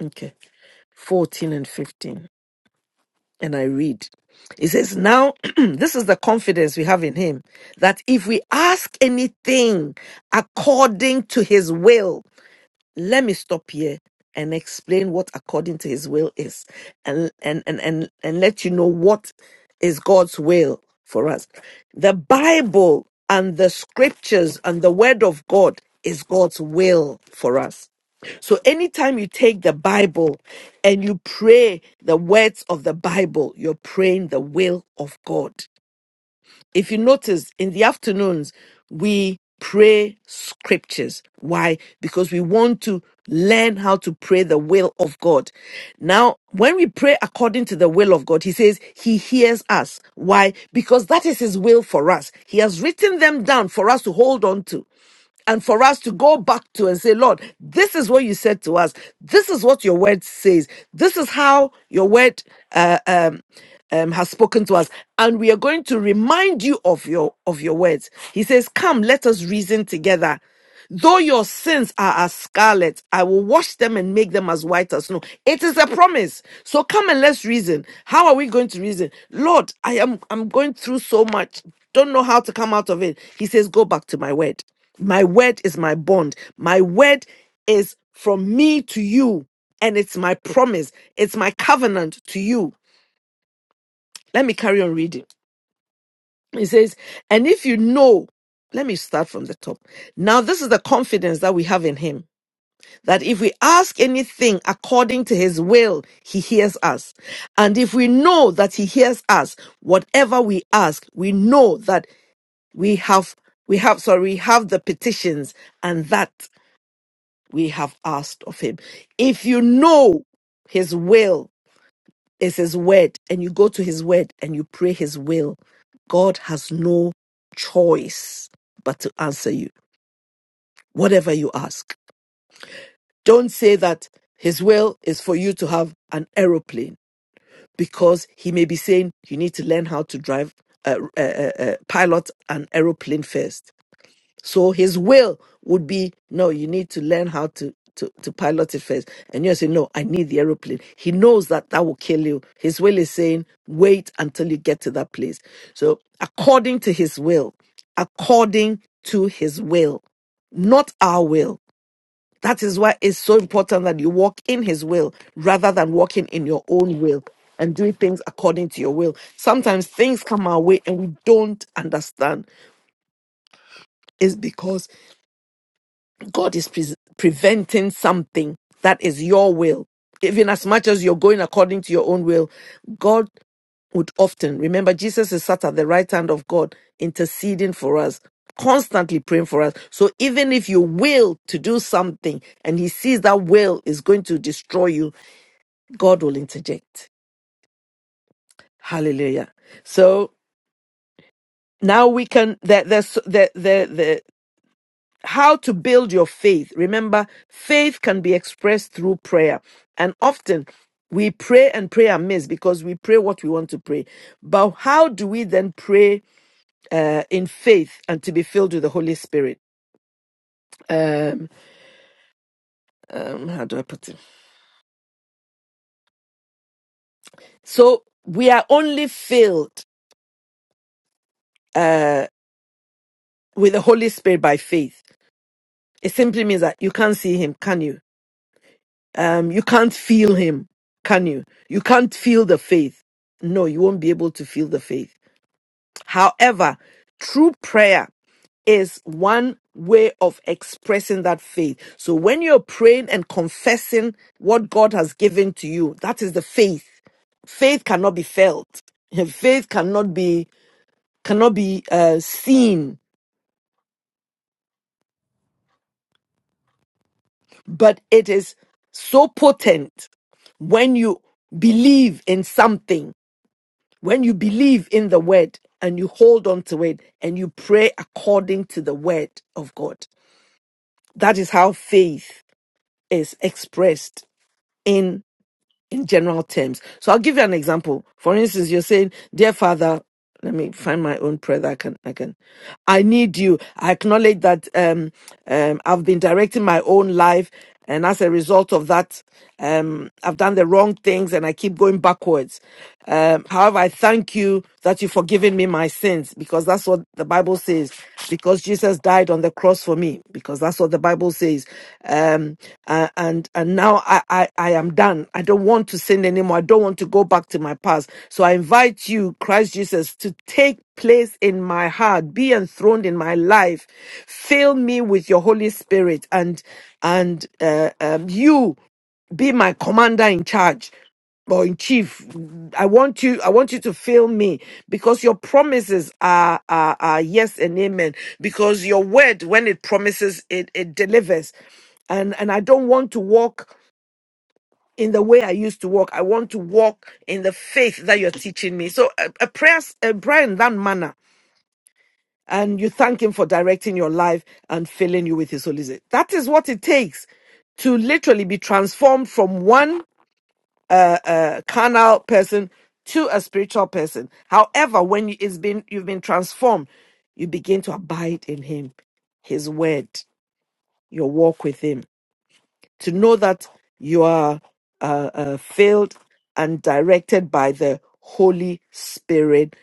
Speaker 2: okay, 14 and 15. and I read. It says, Now, [clears throat] this is the confidence we have in Him that if we ask anything according to His will, let me stop here and explain what according to his will is and and and and, and let you know what is god's will for us the bible and the scriptures and the word of god is god's will for us so anytime you take the bible and you pray the words of the bible you're praying the will of god if you notice in the afternoons we pray scriptures why because we want to learn how to pray the will of god now when we pray according to the will of god he says he hears us why because that is his will for us he has written them down for us to hold on to and for us to go back to and say lord this is what you said to us this is what your word says this is how your word uh, um, um, has spoken to us and we are going to remind you of your of your words he says come let us reason together though your sins are as scarlet i will wash them and make them as white as snow it is a promise so come and let's reason how are we going to reason lord i am i'm going through so much don't know how to come out of it he says go back to my word my word is my bond my word is from me to you and it's my promise it's my covenant to you let me carry on reading. It says, And if you know, let me start from the top. Now, this is the confidence that we have in him that if we ask anything according to his will, he hears us. And if we know that he hears us, whatever we ask, we know that we have, we have, sorry, we have the petitions and that we have asked of him. If you know his will, It's His word, and you go to His word and you pray His will. God has no choice but to answer you, whatever you ask. Don't say that His will is for you to have an aeroplane because He may be saying you need to learn how to drive, uh, uh, uh, uh, pilot an aeroplane first So his will would be, no, you need to learn how to, to, to pilot it first. And you say, no, I need the aeroplane. He knows that that will kill you. His will is saying, wait until you get to that place. So according to his will, according to his will, not our will. That is why it's so important that you walk in his will rather than walking in your own will and doing things according to your will. Sometimes things come our way and we don't understand. It's because God is pre- preventing something that is your will. Even as much as you're going according to your own will, God would often remember Jesus is sat at the right hand of God, interceding for us, constantly praying for us. So even if you will to do something and he sees that will is going to destroy you, God will interject. Hallelujah. So now we can there, there's there, there, there how to build your faith. Remember, faith can be expressed through prayer. And often we pray and pray amiss because we pray what we want to pray. But how do we then pray uh, in faith and to be filled with the Holy Spirit? Um, um, how do I put it? So we are only filled uh, with the Holy Spirit by faith. It simply means that you can't see Him, can you? Um, you can't feel Him, can you? You can't feel the faith. No, you won't be able to feel the faith However, true prayer is one way of expressing that faith. So when you're praying and confessing what God has given to you, that is the faith. Faith cannot be felt. [laughs] Faith cannot be cannot be uh, seen, but it is so potent when you believe in something, when you believe in the word and you hold on to it and you pray according to the word of God. That is how faith is expressed in in general terms. So I'll give you an example. For instance, you're saying, "Dear Father," let me find my own prayer that I can I can. I need you. I acknowledge that um, um, I've been directing my own life, and as a result of that, um, I've done the wrong things, and I keep going backwards. Um, however, I thank you that you've forgiven me my sins because that's what the Bible says. Because Jesus died on the cross for me, because that's what the Bible says. Um, uh, and and now I, I I am done. I don't want to sin anymore. I don't want to go back to my past. So I invite you, Christ Jesus, to take place in my heart, be enthroned in my life, fill me with your Holy Spirit, and and uh, um, you be my commander in charge or in chief i want you i want you to fill me because your promises are, are are yes and amen because your word when it promises it it delivers and and i don't want to walk in the way i used to walk i want to walk in the faith that you're teaching me so a, a prayer a prayer in that manner and you thank him for directing your life and filling you with his holy spirit that is what it takes to literally be transformed from one a, a carnal person to a spiritual person. However, when you- it's been you've been transformed, you begin to abide in Him, His Word, your walk with Him to know that you are uh, uh, filled and directed by the Holy Spirit,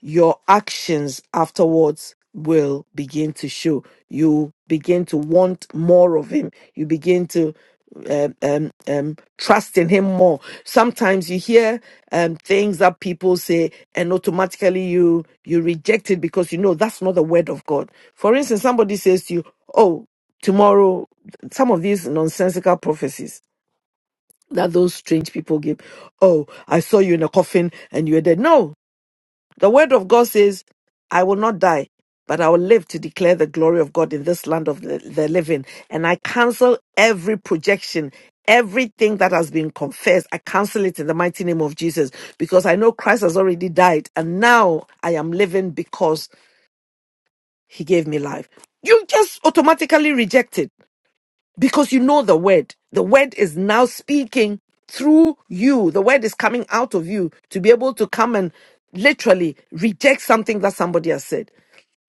Speaker 2: your actions afterwards will begin to show. You begin to want more of Him. You begin to um, um, um, trust in Him more. Sometimes you hear um, things that people say, and automatically you you reject it because you know that's not the word of God. For instance, somebody says to you, "Oh." tomorrow some of these nonsensical prophecies that those strange people give oh i saw you in a coffin and you were dead no the word of god says i will not die but i will live to declare the glory of god in this land of the, the living and i cancel every projection Everything that has been confessed, I cancel it in the mighty name of Jesus because I know Christ has already died and now I am living because he gave me life. You just automatically reject it because you know the word. The word is now speaking through you. The word is coming out of you to be able to come and literally reject something that somebody has said.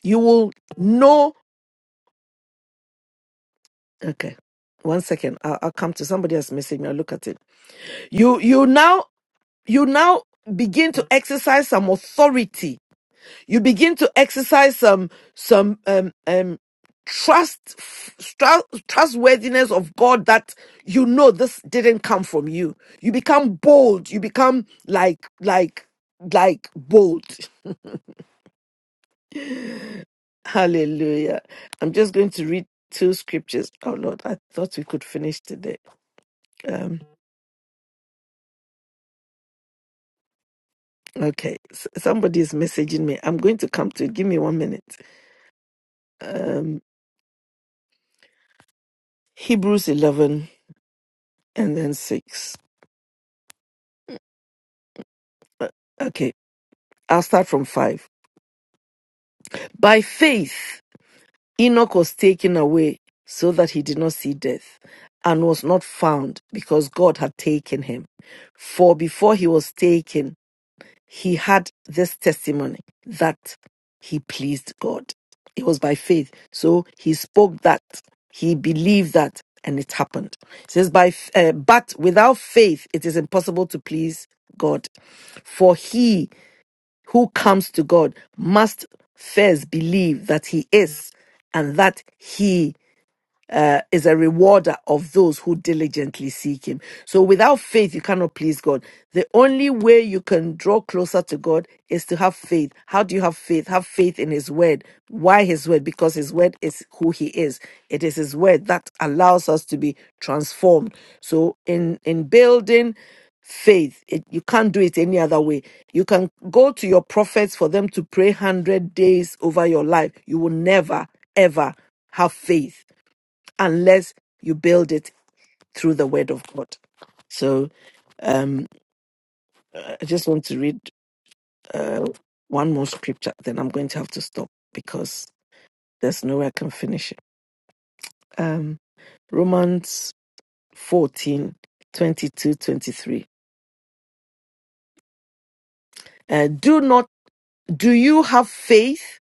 Speaker 2: You will know. Okay, one second. I'll, I'll come to somebody has messaged me. I'll look at it. You you now you now begin to exercise some authority you begin to exercise some some um um trust trust trustworthiness of god that you know this didn't come from you you become bold you become like like like bold [laughs] hallelujah i'm just going to read two scriptures oh lord i thought we could finish today um okay s- somebody is messaging me i'm going to come to it give me one minute um hebrews 11 and then 6 okay i'll start from 5 By faith, Enoch was taken away so that he did not see death and was not found because God had taken him. For before he was taken, he had this testimony that he pleased God. It was by faith. So he spoke that, he believed that, and it happened. It says, by, uh, but without faith, it is impossible to please God. For he who comes to God must first believe that He is and that He uh, is a rewarder of those who diligently seek him. So without faith, you cannot please God. The only way you can draw closer to God is to have faith. How do you have faith? Have faith in his word. Why his word? Because his word is who he is. It is his word that allows us to be transformed. So in, in building faith. It, you can't do it any other way. You can go to your prophets for them to pray 100 days over your life. You will never, ever have faith unless you build it through the word of God. So um, I just want to read uh, one more scripture, then I'm going to have to stop because there's no way I can finish it. Um, Romans 14 twenty-two, 23. Uh, do not, do you have faith?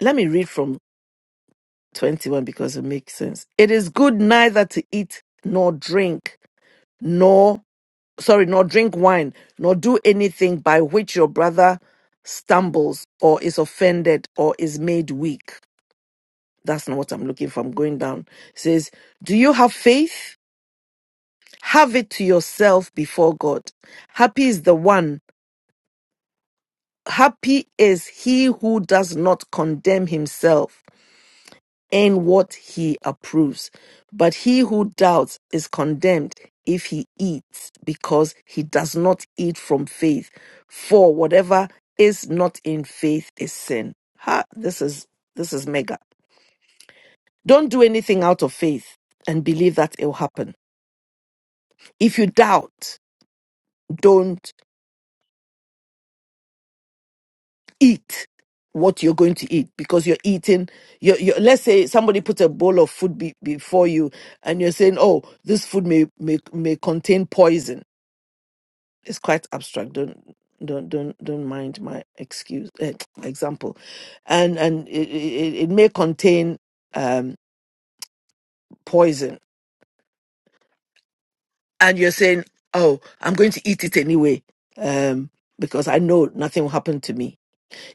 Speaker 2: Let me read from 21 because it makes sense. It is good neither to eat nor drink nor sorry, nor drink wine, nor do anything by which your brother stumbles or is offended or is made weak. That's not what I'm looking for. I'm going down. It says, Do you have faith? Have it to yourself before God. Happy is the one. Happy is he who does not condemn himself and what he approves. But he who doubts is condemned if he eats, because he does not eat from faith. For whatever is not in faith is sin. Ha, this is this is mega. Don't do anything out of faith and believe that it will happen. If you doubt, don't eat what you're going to eat because you're eating you're, you're let's say somebody puts a bowl of food be, before you and you're saying oh this food may may may contain poison it's quite abstract don't don't don't don't mind my excuse eh, [tsk] example and and it, it, it may contain um poison and you're saying oh i'm going to eat it anyway um because i know nothing will happen to me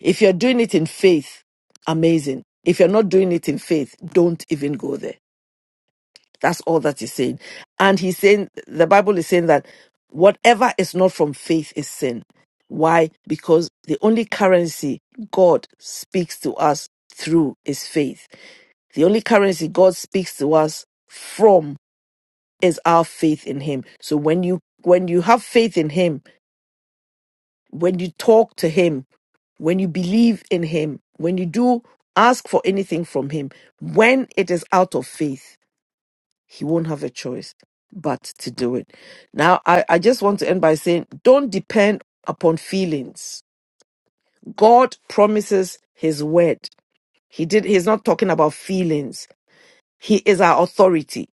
Speaker 2: If you're doing it in faith, amazing. If you're not doing it in faith, don't even go there. That's all that he's saying. And he's saying, the Bible is saying that whatever is not from faith is sin. Why? Because the only currency God speaks to us through is faith. The only currency God speaks to us from is our faith in him. So when you when you have faith in him, when you talk to him, when you believe in him, when you do ask for anything from him, when it is out of faith, he won't have a choice but to do it. Now, I, I just want to end by saying don't depend upon feelings. God promises his word. He did, he's not talking about feelings. He is our authority.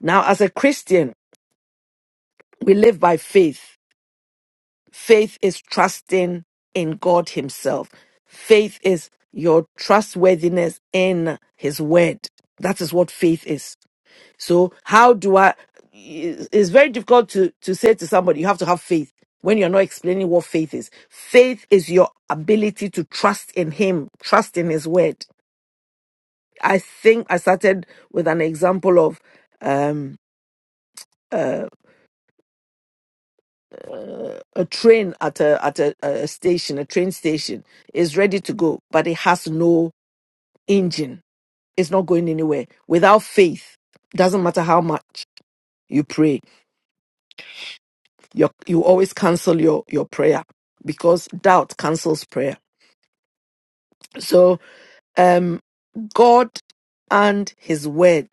Speaker 2: Now, as a Christian, we live by faith. Faith is trusting in God Himself. Faith is your trustworthiness in His word. That is what faith is. So, how do I? It's very difficult to, to say to somebody, you have to have faith when you're not explaining what faith is. Faith is your ability to trust in Him, trust in His word. I think I started with an example of um, a train at a at a, a station, a train station is ready to go, but it has no engine. It's not going anywhere. Without faith, doesn't matter how much you pray, you you always cancel your your prayer because doubt cancels prayer. So, um, God and His Word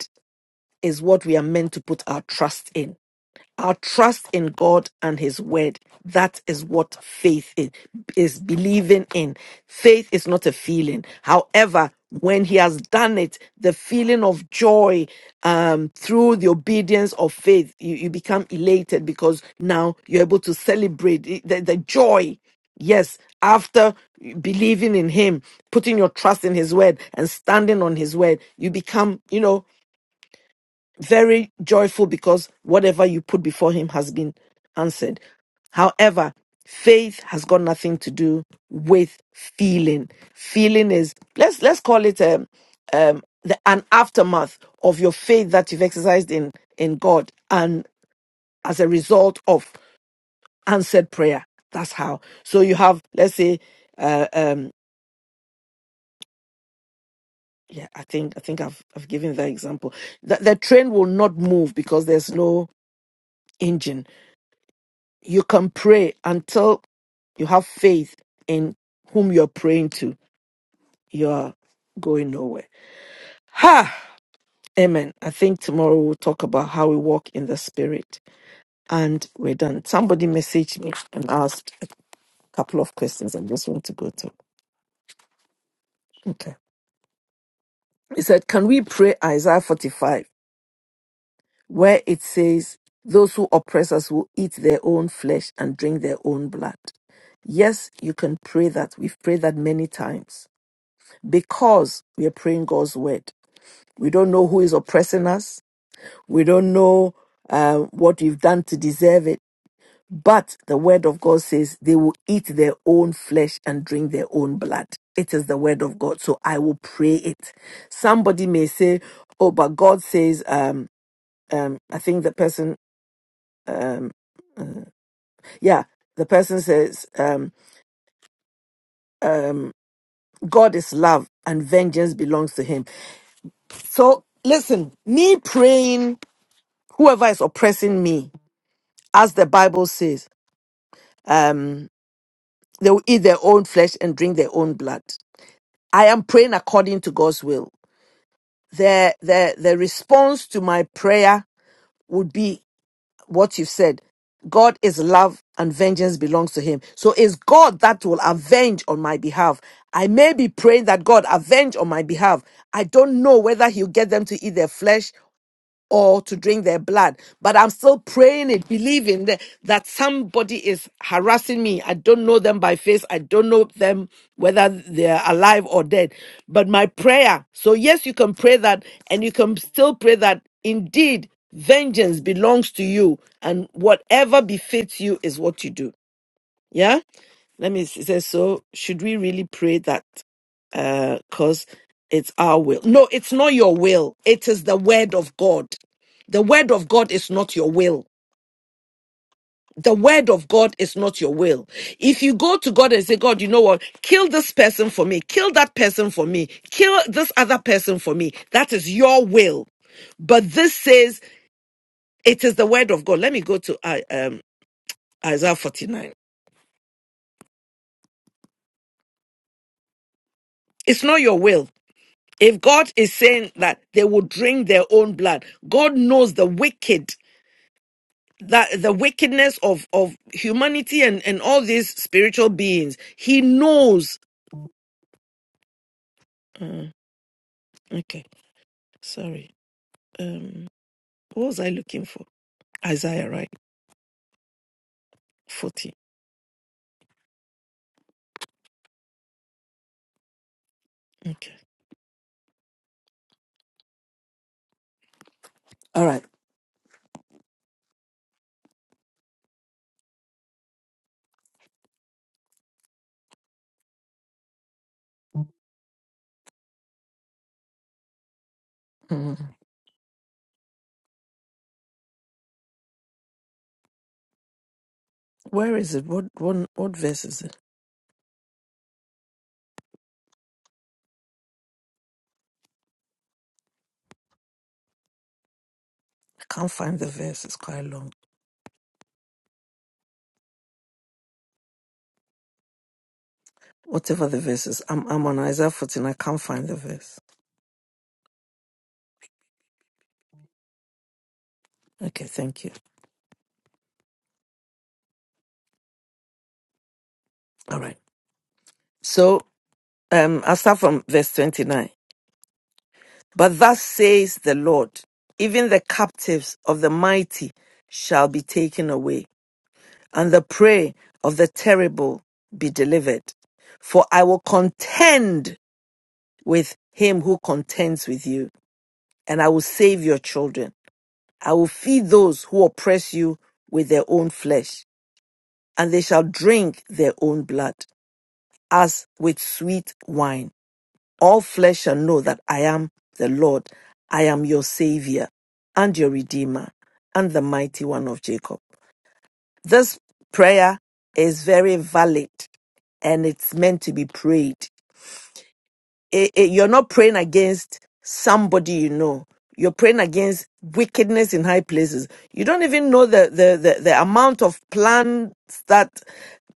Speaker 2: is what we are meant to put our trust in Our trust in God and His Word. That is what faith is, is believing in. Faith is not a feeling. However, when He has done it, the feeling of joy um, through the obedience of faith, you, you become elated because now you're able to celebrate it- the, the joy. Yes, after believing in Him, putting your trust in His Word and standing on His Word, you become, you know, very joyful because whatever you put before him has been answered. However, faith has got nothing to do with feeling. Feeling is let's let's call it um, um, the, an aftermath of your faith that you've exercised in in God, and as a result of answered prayer. That's how. So you have let's say. Uh, um yeah i think i think i've i've given that example the, the train will not move because there's no engine you can pray until you have faith in whom you're praying to, you are going nowhere. Ha! Amen. I think tomorrow we'll talk about how we walk in the spirit. And we're done. Somebody messaged me and asked a couple of questions. I just want to go to. Okay. He said, Can we pray Isaiah 45, where it says, Those who oppress us will eat their own flesh and drink their own blood? Yes, you can pray that. We've prayed that many times because we are praying God's word. We don't know who is oppressing us. We don't know uh, what we've done to deserve it. But the word of God says they will eat their own flesh and drink their own blood. It is the word of God. So I will pray it. Somebody may say, oh, but God says, um, um, I think the person, yeah, the person says, um, um, God is love and vengeance belongs to him. So listen, me praying, whoever is oppressing me, as the Bible says, um, they will eat their own flesh and drink their own blood. I am praying according to God's will. The, the, the response to my prayer would be what you've said. God is love and vengeance belongs to him. So it's God that will avenge on my behalf. I may be praying that God avenge on my behalf. I don't know whether he'll get them to eat their flesh or to drink their blood. But I'm still praying it, believing that, that somebody is harassing me. I don't know them by face. I don't know them whether they're alive or dead. But my prayer, so yes, you can pray that, and you can still pray that indeed vengeance belongs to you, and whatever befits you is what you do. Yeah? Let me see. It says, So should we really pray that? because it's our will. No, it's not your will. It is the word of God. The word of God is not your will. The word of God is not your will. If you go to God and say, God, you know what? Kill this person for me. Kill that person for me. Kill this other person for me. That is your will. But this says it is the word of God. Let me go to I- um, Isaiah 49. It's not your will. If God is saying that they will drink their own blood, God knows the wicked that the wickedness of of humanity and and all these spiritual beings he knows Uh, okay sorry um what was i looking for isaiah right 40 okay all right. Mhm. where is it what what what verse is it i can't find the verse it's quite long whatever the verse is i'm, I'm on isaiah 14 i can't find the verse okay thank you all right so um i'll start from verse 29 But thus says the Lord, even the captives of the mighty shall be taken away, and the prey of the terrible be delivered. For I will contend with him who contends with you, and I will save your children. I will feed those who oppress you with their own flesh, and they shall drink their own blood as with sweet wine. All flesh shall know that I am the Lord. I am your Savior and your Redeemer and the Mighty One of Jacob. This prayer is very valid and it's meant to be prayed it, it- you're not praying against somebody you know. You're praying against wickedness in high places. You don't even know the the the, the amount of plans that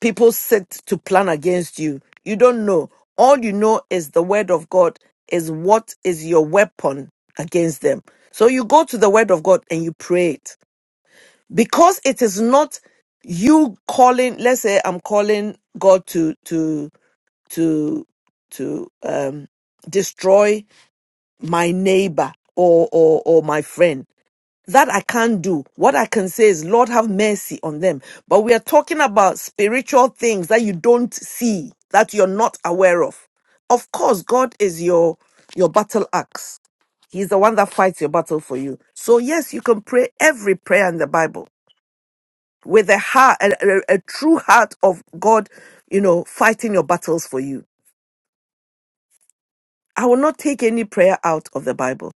Speaker 2: people set to plan against you. You don't know. All you know is the word of God is what is your weapon against them. So you go to the word of God and you pray it. Because it is not you calling, let's say I'm calling God to to to to um, destroy my neighbor or, or or my friend. That I can't do. What I can say is, Lord, have mercy on them. But we are talking about spiritual things that you don't see, that you're not aware of. Of course, God is your your battle axe. He's the one that fights your battle for you. So yes, you can pray every prayer in the Bible with a heart, a, a a true heart of God, you know, fighting your battles for you. I will not take any prayer out of the Bible.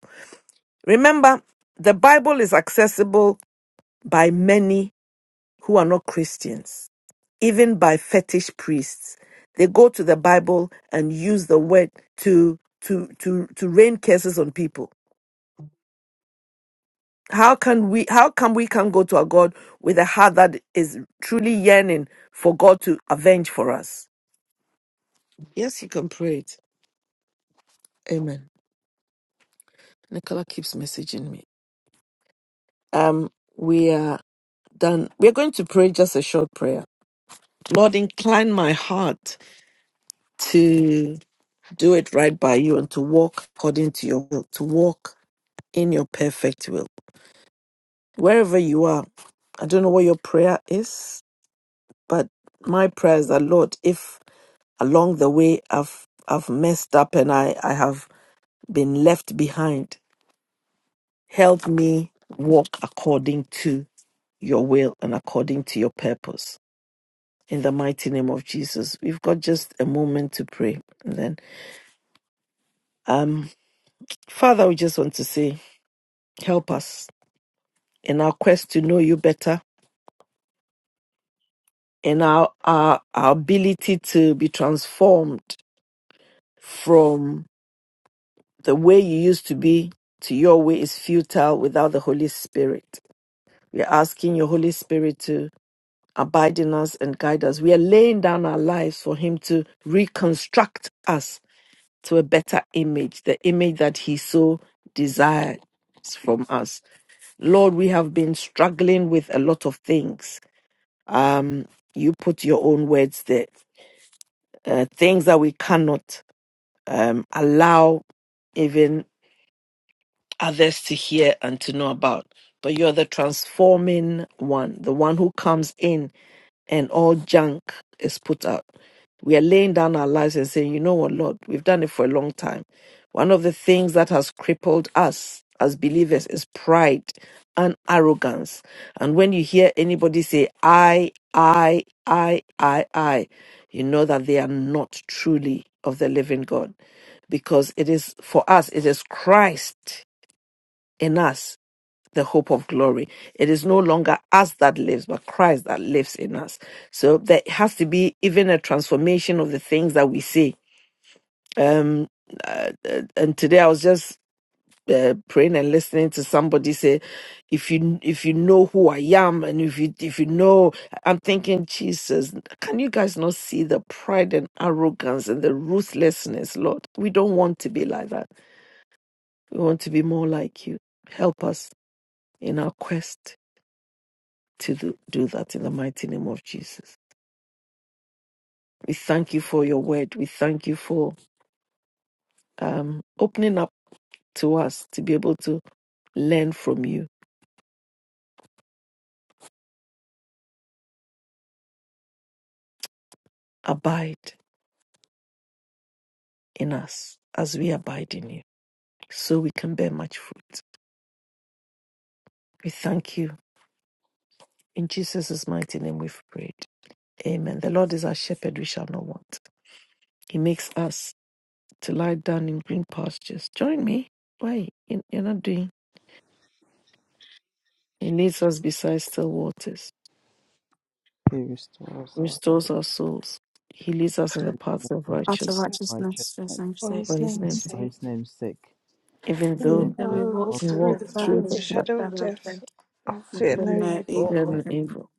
Speaker 2: Remember, the Bible is accessible by many who are not Christians, even by fetish priests. They go to the Bible and use the word to to to to rain curses on people. How can we how come we can go to our God with a heart that is truly yearning for God to avenge for us? Yes, you can pray it. Amen. Nicola keeps messaging me. Um we are done, we're going to pray just a short prayer. Lord, incline my heart to do it right by you and to walk according to your will, to walk in your perfect will. Wherever you are, I don't know what your prayer is, but my prayer is that, Lord, if along the way I've, I've messed up and I, I have been left behind, help me walk according to your will and according to your purpose. in the mighty name of Jesus. We've got just a moment to pray. And then, um, Father, we just want to say, help us in our quest to know you better, in our, our, our ability to be transformed from the way you used to be to your way is futile without the Holy Spirit. We are asking your Holy Spirit to abide in us and guide us. We are laying down our lives for Him to reconstruct us to a better image, the image that He so desires from us. Lord, we have been struggling with a lot of things. Um, you put your own words there, uh, things that we cannot um, allow, even others to hear and to know about. But you're the transforming one, the one who comes in and all junk is put out. We are laying down our lives and saying, you know what, Lord, we've done it for a long time. One of the things that has crippled us as believers is pride and arrogance. And when you hear anybody say, I, I, I, I, I, you know that they are not truly of the living God. Because it is, for us, it is Christ in us the hope of glory. It is no longer us that lives, but Christ that lives in us. So there has to be even a transformation of the things that we say. Um, uh, uh, and today I was just uh, praying and listening to somebody say, "If you if you know who I am, and if you if you know," I'm thinking, Jesus, can you guys not see the pride and arrogance and the ruthlessness, Lord? We don't want to be like that. We want to be more like you. Help us in our quest to do, do that in the mighty name of Jesus. We thank you for your word. We thank you for um, opening up to us to be able to learn from you. Abide in us as we abide in you, so we can bear much fruit. We thank you. In Jesus' mighty name we've prayed. Amen. The Lord is our shepherd, we shall not want. He makes us to lie down in green pastures. Join me. Why? You- You're not doing. He leads us beside still waters.
Speaker 7: He restores us
Speaker 2: restores our souls. He leads us in the paths of
Speaker 7: in
Speaker 9: Path of
Speaker 2: righteousness
Speaker 9: righteousness for his
Speaker 7: righteousness
Speaker 9: name's
Speaker 5: For
Speaker 9: sake.
Speaker 2: for
Speaker 5: his
Speaker 2: his name's
Speaker 5: name's
Speaker 7: for
Speaker 2: sake.
Speaker 5: sake.
Speaker 7: his name's sake.
Speaker 2: Even
Speaker 9: Yeah,
Speaker 5: Even
Speaker 7: Even
Speaker 2: though
Speaker 9: that
Speaker 7: though
Speaker 5: though
Speaker 9: we
Speaker 5: I
Speaker 7: we
Speaker 9: walk
Speaker 7: walk
Speaker 5: walk
Speaker 2: we
Speaker 9: through
Speaker 5: through
Speaker 2: walk
Speaker 9: the
Speaker 5: the valley
Speaker 7: through
Speaker 2: through
Speaker 5: of
Speaker 2: the
Speaker 5: the
Speaker 9: valley,
Speaker 2: blood,
Speaker 5: shadow of
Speaker 9: valley of death,
Speaker 5: death, I
Speaker 9: we
Speaker 5: fear
Speaker 7: the
Speaker 9: fear
Speaker 5: no
Speaker 9: no
Speaker 7: shadow of
Speaker 5: evil,
Speaker 2: we are
Speaker 9: evil.
Speaker 7: death,
Speaker 2: not evil.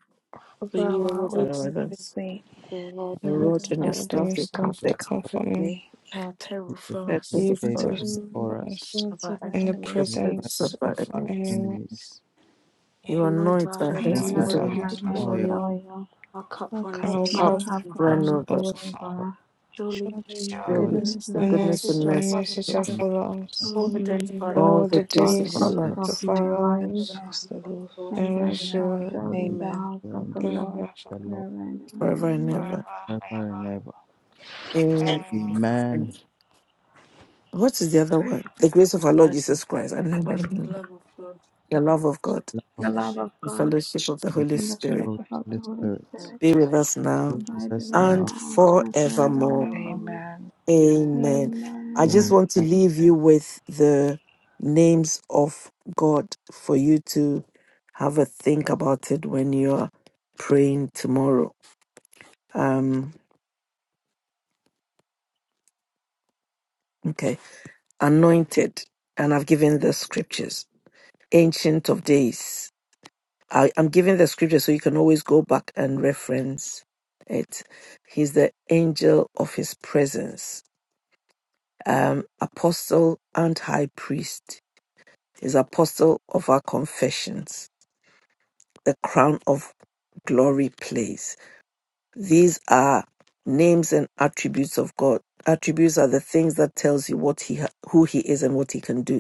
Speaker 5: for
Speaker 9: For
Speaker 5: thou
Speaker 9: you are
Speaker 5: art
Speaker 9: with
Speaker 5: with
Speaker 9: us,
Speaker 5: me.
Speaker 2: Remember
Speaker 5: With
Speaker 2: us.
Speaker 5: me.
Speaker 9: the Lord
Speaker 7: our
Speaker 5: My
Speaker 2: Your
Speaker 7: God
Speaker 9: and
Speaker 5: brother
Speaker 2: rod
Speaker 5: and
Speaker 9: us
Speaker 2: and
Speaker 5: my
Speaker 2: your
Speaker 9: up.
Speaker 2: staff,
Speaker 10: warding
Speaker 5: enemies,
Speaker 2: they
Speaker 10: stuff
Speaker 5: they
Speaker 2: comfort.
Speaker 10: down
Speaker 5: comfort
Speaker 10: from
Speaker 5: me.
Speaker 9: Our
Speaker 7: is
Speaker 9: table for
Speaker 7: prepared
Speaker 2: That
Speaker 7: a
Speaker 9: us
Speaker 10: you
Speaker 2: is
Speaker 5: I tell
Speaker 2: for
Speaker 7: table
Speaker 2: us.
Speaker 5: the
Speaker 7: before us
Speaker 10: because
Speaker 9: of
Speaker 5: words
Speaker 9: our
Speaker 5: of my
Speaker 9: enemies.
Speaker 10: in the
Speaker 5: enemies,
Speaker 2: The
Speaker 7: in the presence
Speaker 2: presence
Speaker 7: of
Speaker 2: of
Speaker 10: presence
Speaker 2: our
Speaker 10: of our
Speaker 2: enemies.
Speaker 10: enemy
Speaker 7: enemies.
Speaker 2: You
Speaker 10: and
Speaker 9: Anoint
Speaker 2: anoint
Speaker 9: our
Speaker 2: our
Speaker 5: and
Speaker 9: heads
Speaker 7: Thanks
Speaker 2: heads
Speaker 9: with
Speaker 5: my
Speaker 7: our
Speaker 2: with
Speaker 10: anoint
Speaker 11: Remembrance
Speaker 2: a
Speaker 10: our
Speaker 7: heads
Speaker 9: oil,
Speaker 11: my
Speaker 10: hearts
Speaker 5: hatred
Speaker 7: with
Speaker 11: head
Speaker 5: for
Speaker 10: before
Speaker 11: with
Speaker 7: oil,
Speaker 5: foil.
Speaker 10: you.
Speaker 11: oil,
Speaker 9: our cup
Speaker 5: our
Speaker 9: runneth
Speaker 10: Our
Speaker 5: cups
Speaker 11: my
Speaker 2: cup
Speaker 9: over.
Speaker 10: cup
Speaker 11: cup
Speaker 5: run
Speaker 2: run
Speaker 5: over.
Speaker 7: cups
Speaker 11: runs
Speaker 2: over.
Speaker 10: overflows.
Speaker 7: but
Speaker 11: over.
Speaker 9: Surely
Speaker 5: Surely
Speaker 2: Surely,
Speaker 7: surely
Speaker 11: Goodness
Speaker 5: goodness
Speaker 9: goodness
Speaker 2: in
Speaker 5: and
Speaker 9: and
Speaker 11: and
Speaker 5: mercy
Speaker 2: goodness
Speaker 9: mercy
Speaker 10: Goodness
Speaker 2: and
Speaker 9: shall
Speaker 10: and
Speaker 2: mercy,
Speaker 9: follow
Speaker 10: mercy
Speaker 9: us
Speaker 10: shall
Speaker 7: the
Speaker 5: shall follow
Speaker 7: mercy
Speaker 10: follow us
Speaker 7: of
Speaker 5: us
Speaker 11: mercy
Speaker 9: all
Speaker 7: God
Speaker 9: the
Speaker 5: all
Speaker 9: days
Speaker 5: the days
Speaker 9: of
Speaker 5: of
Speaker 9: our life.
Speaker 2: all
Speaker 10: all
Speaker 5: our
Speaker 2: the
Speaker 5: life,
Speaker 10: the
Speaker 11: all
Speaker 2: days
Speaker 11: the
Speaker 2: of our
Speaker 7: all
Speaker 10: days
Speaker 11: days
Speaker 7: the day
Speaker 11: of
Speaker 2: lives,
Speaker 10: of
Speaker 11: my
Speaker 10: our
Speaker 5: and
Speaker 11: life,
Speaker 9: and
Speaker 5: the
Speaker 10: lives,
Speaker 9: in the
Speaker 5: house
Speaker 9: house
Speaker 5: of the
Speaker 9: of the
Speaker 5: Lord
Speaker 9: Lord
Speaker 5: forever
Speaker 11: and
Speaker 10: and we
Speaker 11: I
Speaker 5: and
Speaker 9: forever.
Speaker 11: shall
Speaker 9: Jesus
Speaker 5: ever.
Speaker 10: shall
Speaker 11: dwell
Speaker 7: of
Speaker 11: in
Speaker 7: which we
Speaker 11: the
Speaker 5: Amen.
Speaker 11: house
Speaker 7: shall
Speaker 11: of the
Speaker 7: enjoy
Speaker 10: live
Speaker 11: Lord
Speaker 10: there
Speaker 7: in
Speaker 10: forever
Speaker 7: the
Speaker 11: forever
Speaker 7: Lord
Speaker 11: and ever.
Speaker 2: forever and
Speaker 11: Amen.
Speaker 2: ever.
Speaker 10: and
Speaker 7: forever and
Speaker 10: ever.
Speaker 7: ever.
Speaker 2: Amen.
Speaker 10: Amen.
Speaker 7: Amen.
Speaker 2: What is the other one? The grace of our Lord
Speaker 9: Christ,
Speaker 2: Jesus Christ. I remember.
Speaker 9: the love of God,
Speaker 2: the love of God,
Speaker 7: Love
Speaker 11: The
Speaker 7: of
Speaker 11: love of
Speaker 9: fellowship,
Speaker 2: the
Speaker 11: God
Speaker 2: fellowship of the
Speaker 7: the fruit
Speaker 2: Holy
Speaker 7: of
Speaker 11: and the
Speaker 2: Spirit
Speaker 7: the
Speaker 11: fellowship of
Speaker 7: Holy
Speaker 11: the Holy
Speaker 7: Spirit,
Speaker 11: Spirit
Speaker 2: be with us
Speaker 7: be
Speaker 2: now
Speaker 7: with
Speaker 11: abide
Speaker 7: us
Speaker 11: with us
Speaker 2: and
Speaker 7: now,
Speaker 11: now and
Speaker 2: forevermore.
Speaker 10: Forever.
Speaker 11: forevermore.
Speaker 5: Amen.
Speaker 2: Amen.
Speaker 10: Good
Speaker 2: I just
Speaker 7: Amen.
Speaker 11: Amen.
Speaker 2: want to
Speaker 7: Good
Speaker 2: leave you with the names of God for you to have a think about it when you're praying tomorrow. Um, okay. Anointed, and I've given the scriptures. Ancient of Days, I, I'm giving the scripture so you can always go back and reference it. He's the angel of his presence, um, apostle and high priest. He's apostle of our confessions, the crown of glory place. These are names and attributes of God. Attributes are the things that tells you what he ha- who he is and what he can do.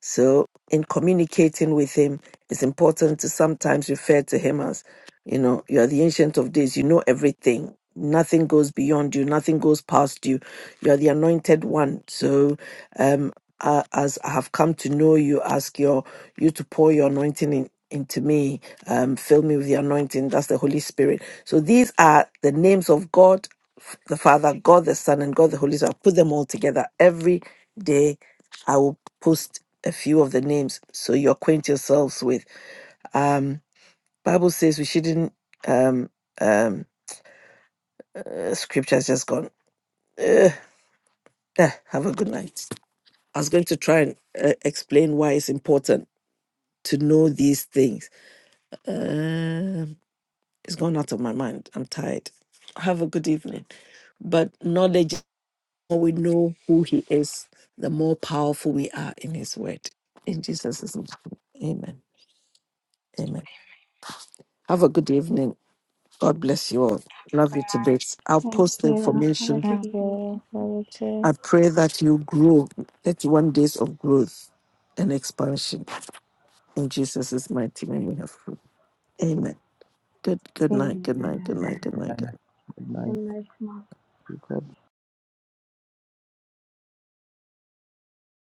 Speaker 2: So, in communicating with him, it's important to sometimes refer to him as, you know, you are the ancient of days, you know everything. Nothing goes beyond you, nothing goes past you. You are the anointed one. So, um, uh, as I have come to know you, ask your you to pour your anointing in, into me, um, fill me with the anointing. That's the Holy Spirit. So these are the names of God, f- the Father, God the Son, and God the Holy Spirit. I put them all together every day. I will post a few of the names so you acquaint yourselves with. Um, Bible says we shouldn't. Um, um, uh, scripture just gone. Ugh. Eh, have a good night. I was going to try and uh, explain why it's important to know these things. Um, it's gone out of my mind. I'm tired. Have a good evening. But knowledge, the more we know who He is, the more powerful we are in His word. In Jesus' name, Amen. Amen. Have a good evening. God bless you all. Love you to
Speaker 10: night.
Speaker 2: bits. I'll
Speaker 11: Thank
Speaker 2: post the
Speaker 11: you. Have a
Speaker 2: information.
Speaker 11: good
Speaker 10: Love
Speaker 11: evening.
Speaker 10: you. Love you too.
Speaker 2: I pray that you grow 31 days of growth and expansion. In Jesus' mighty name we have prayed. Amen. Good good night. Good night. Good
Speaker 11: Amen.
Speaker 2: night. Good night. Good night.
Speaker 11: Good
Speaker 7: night.
Speaker 11: night,
Speaker 7: Good night.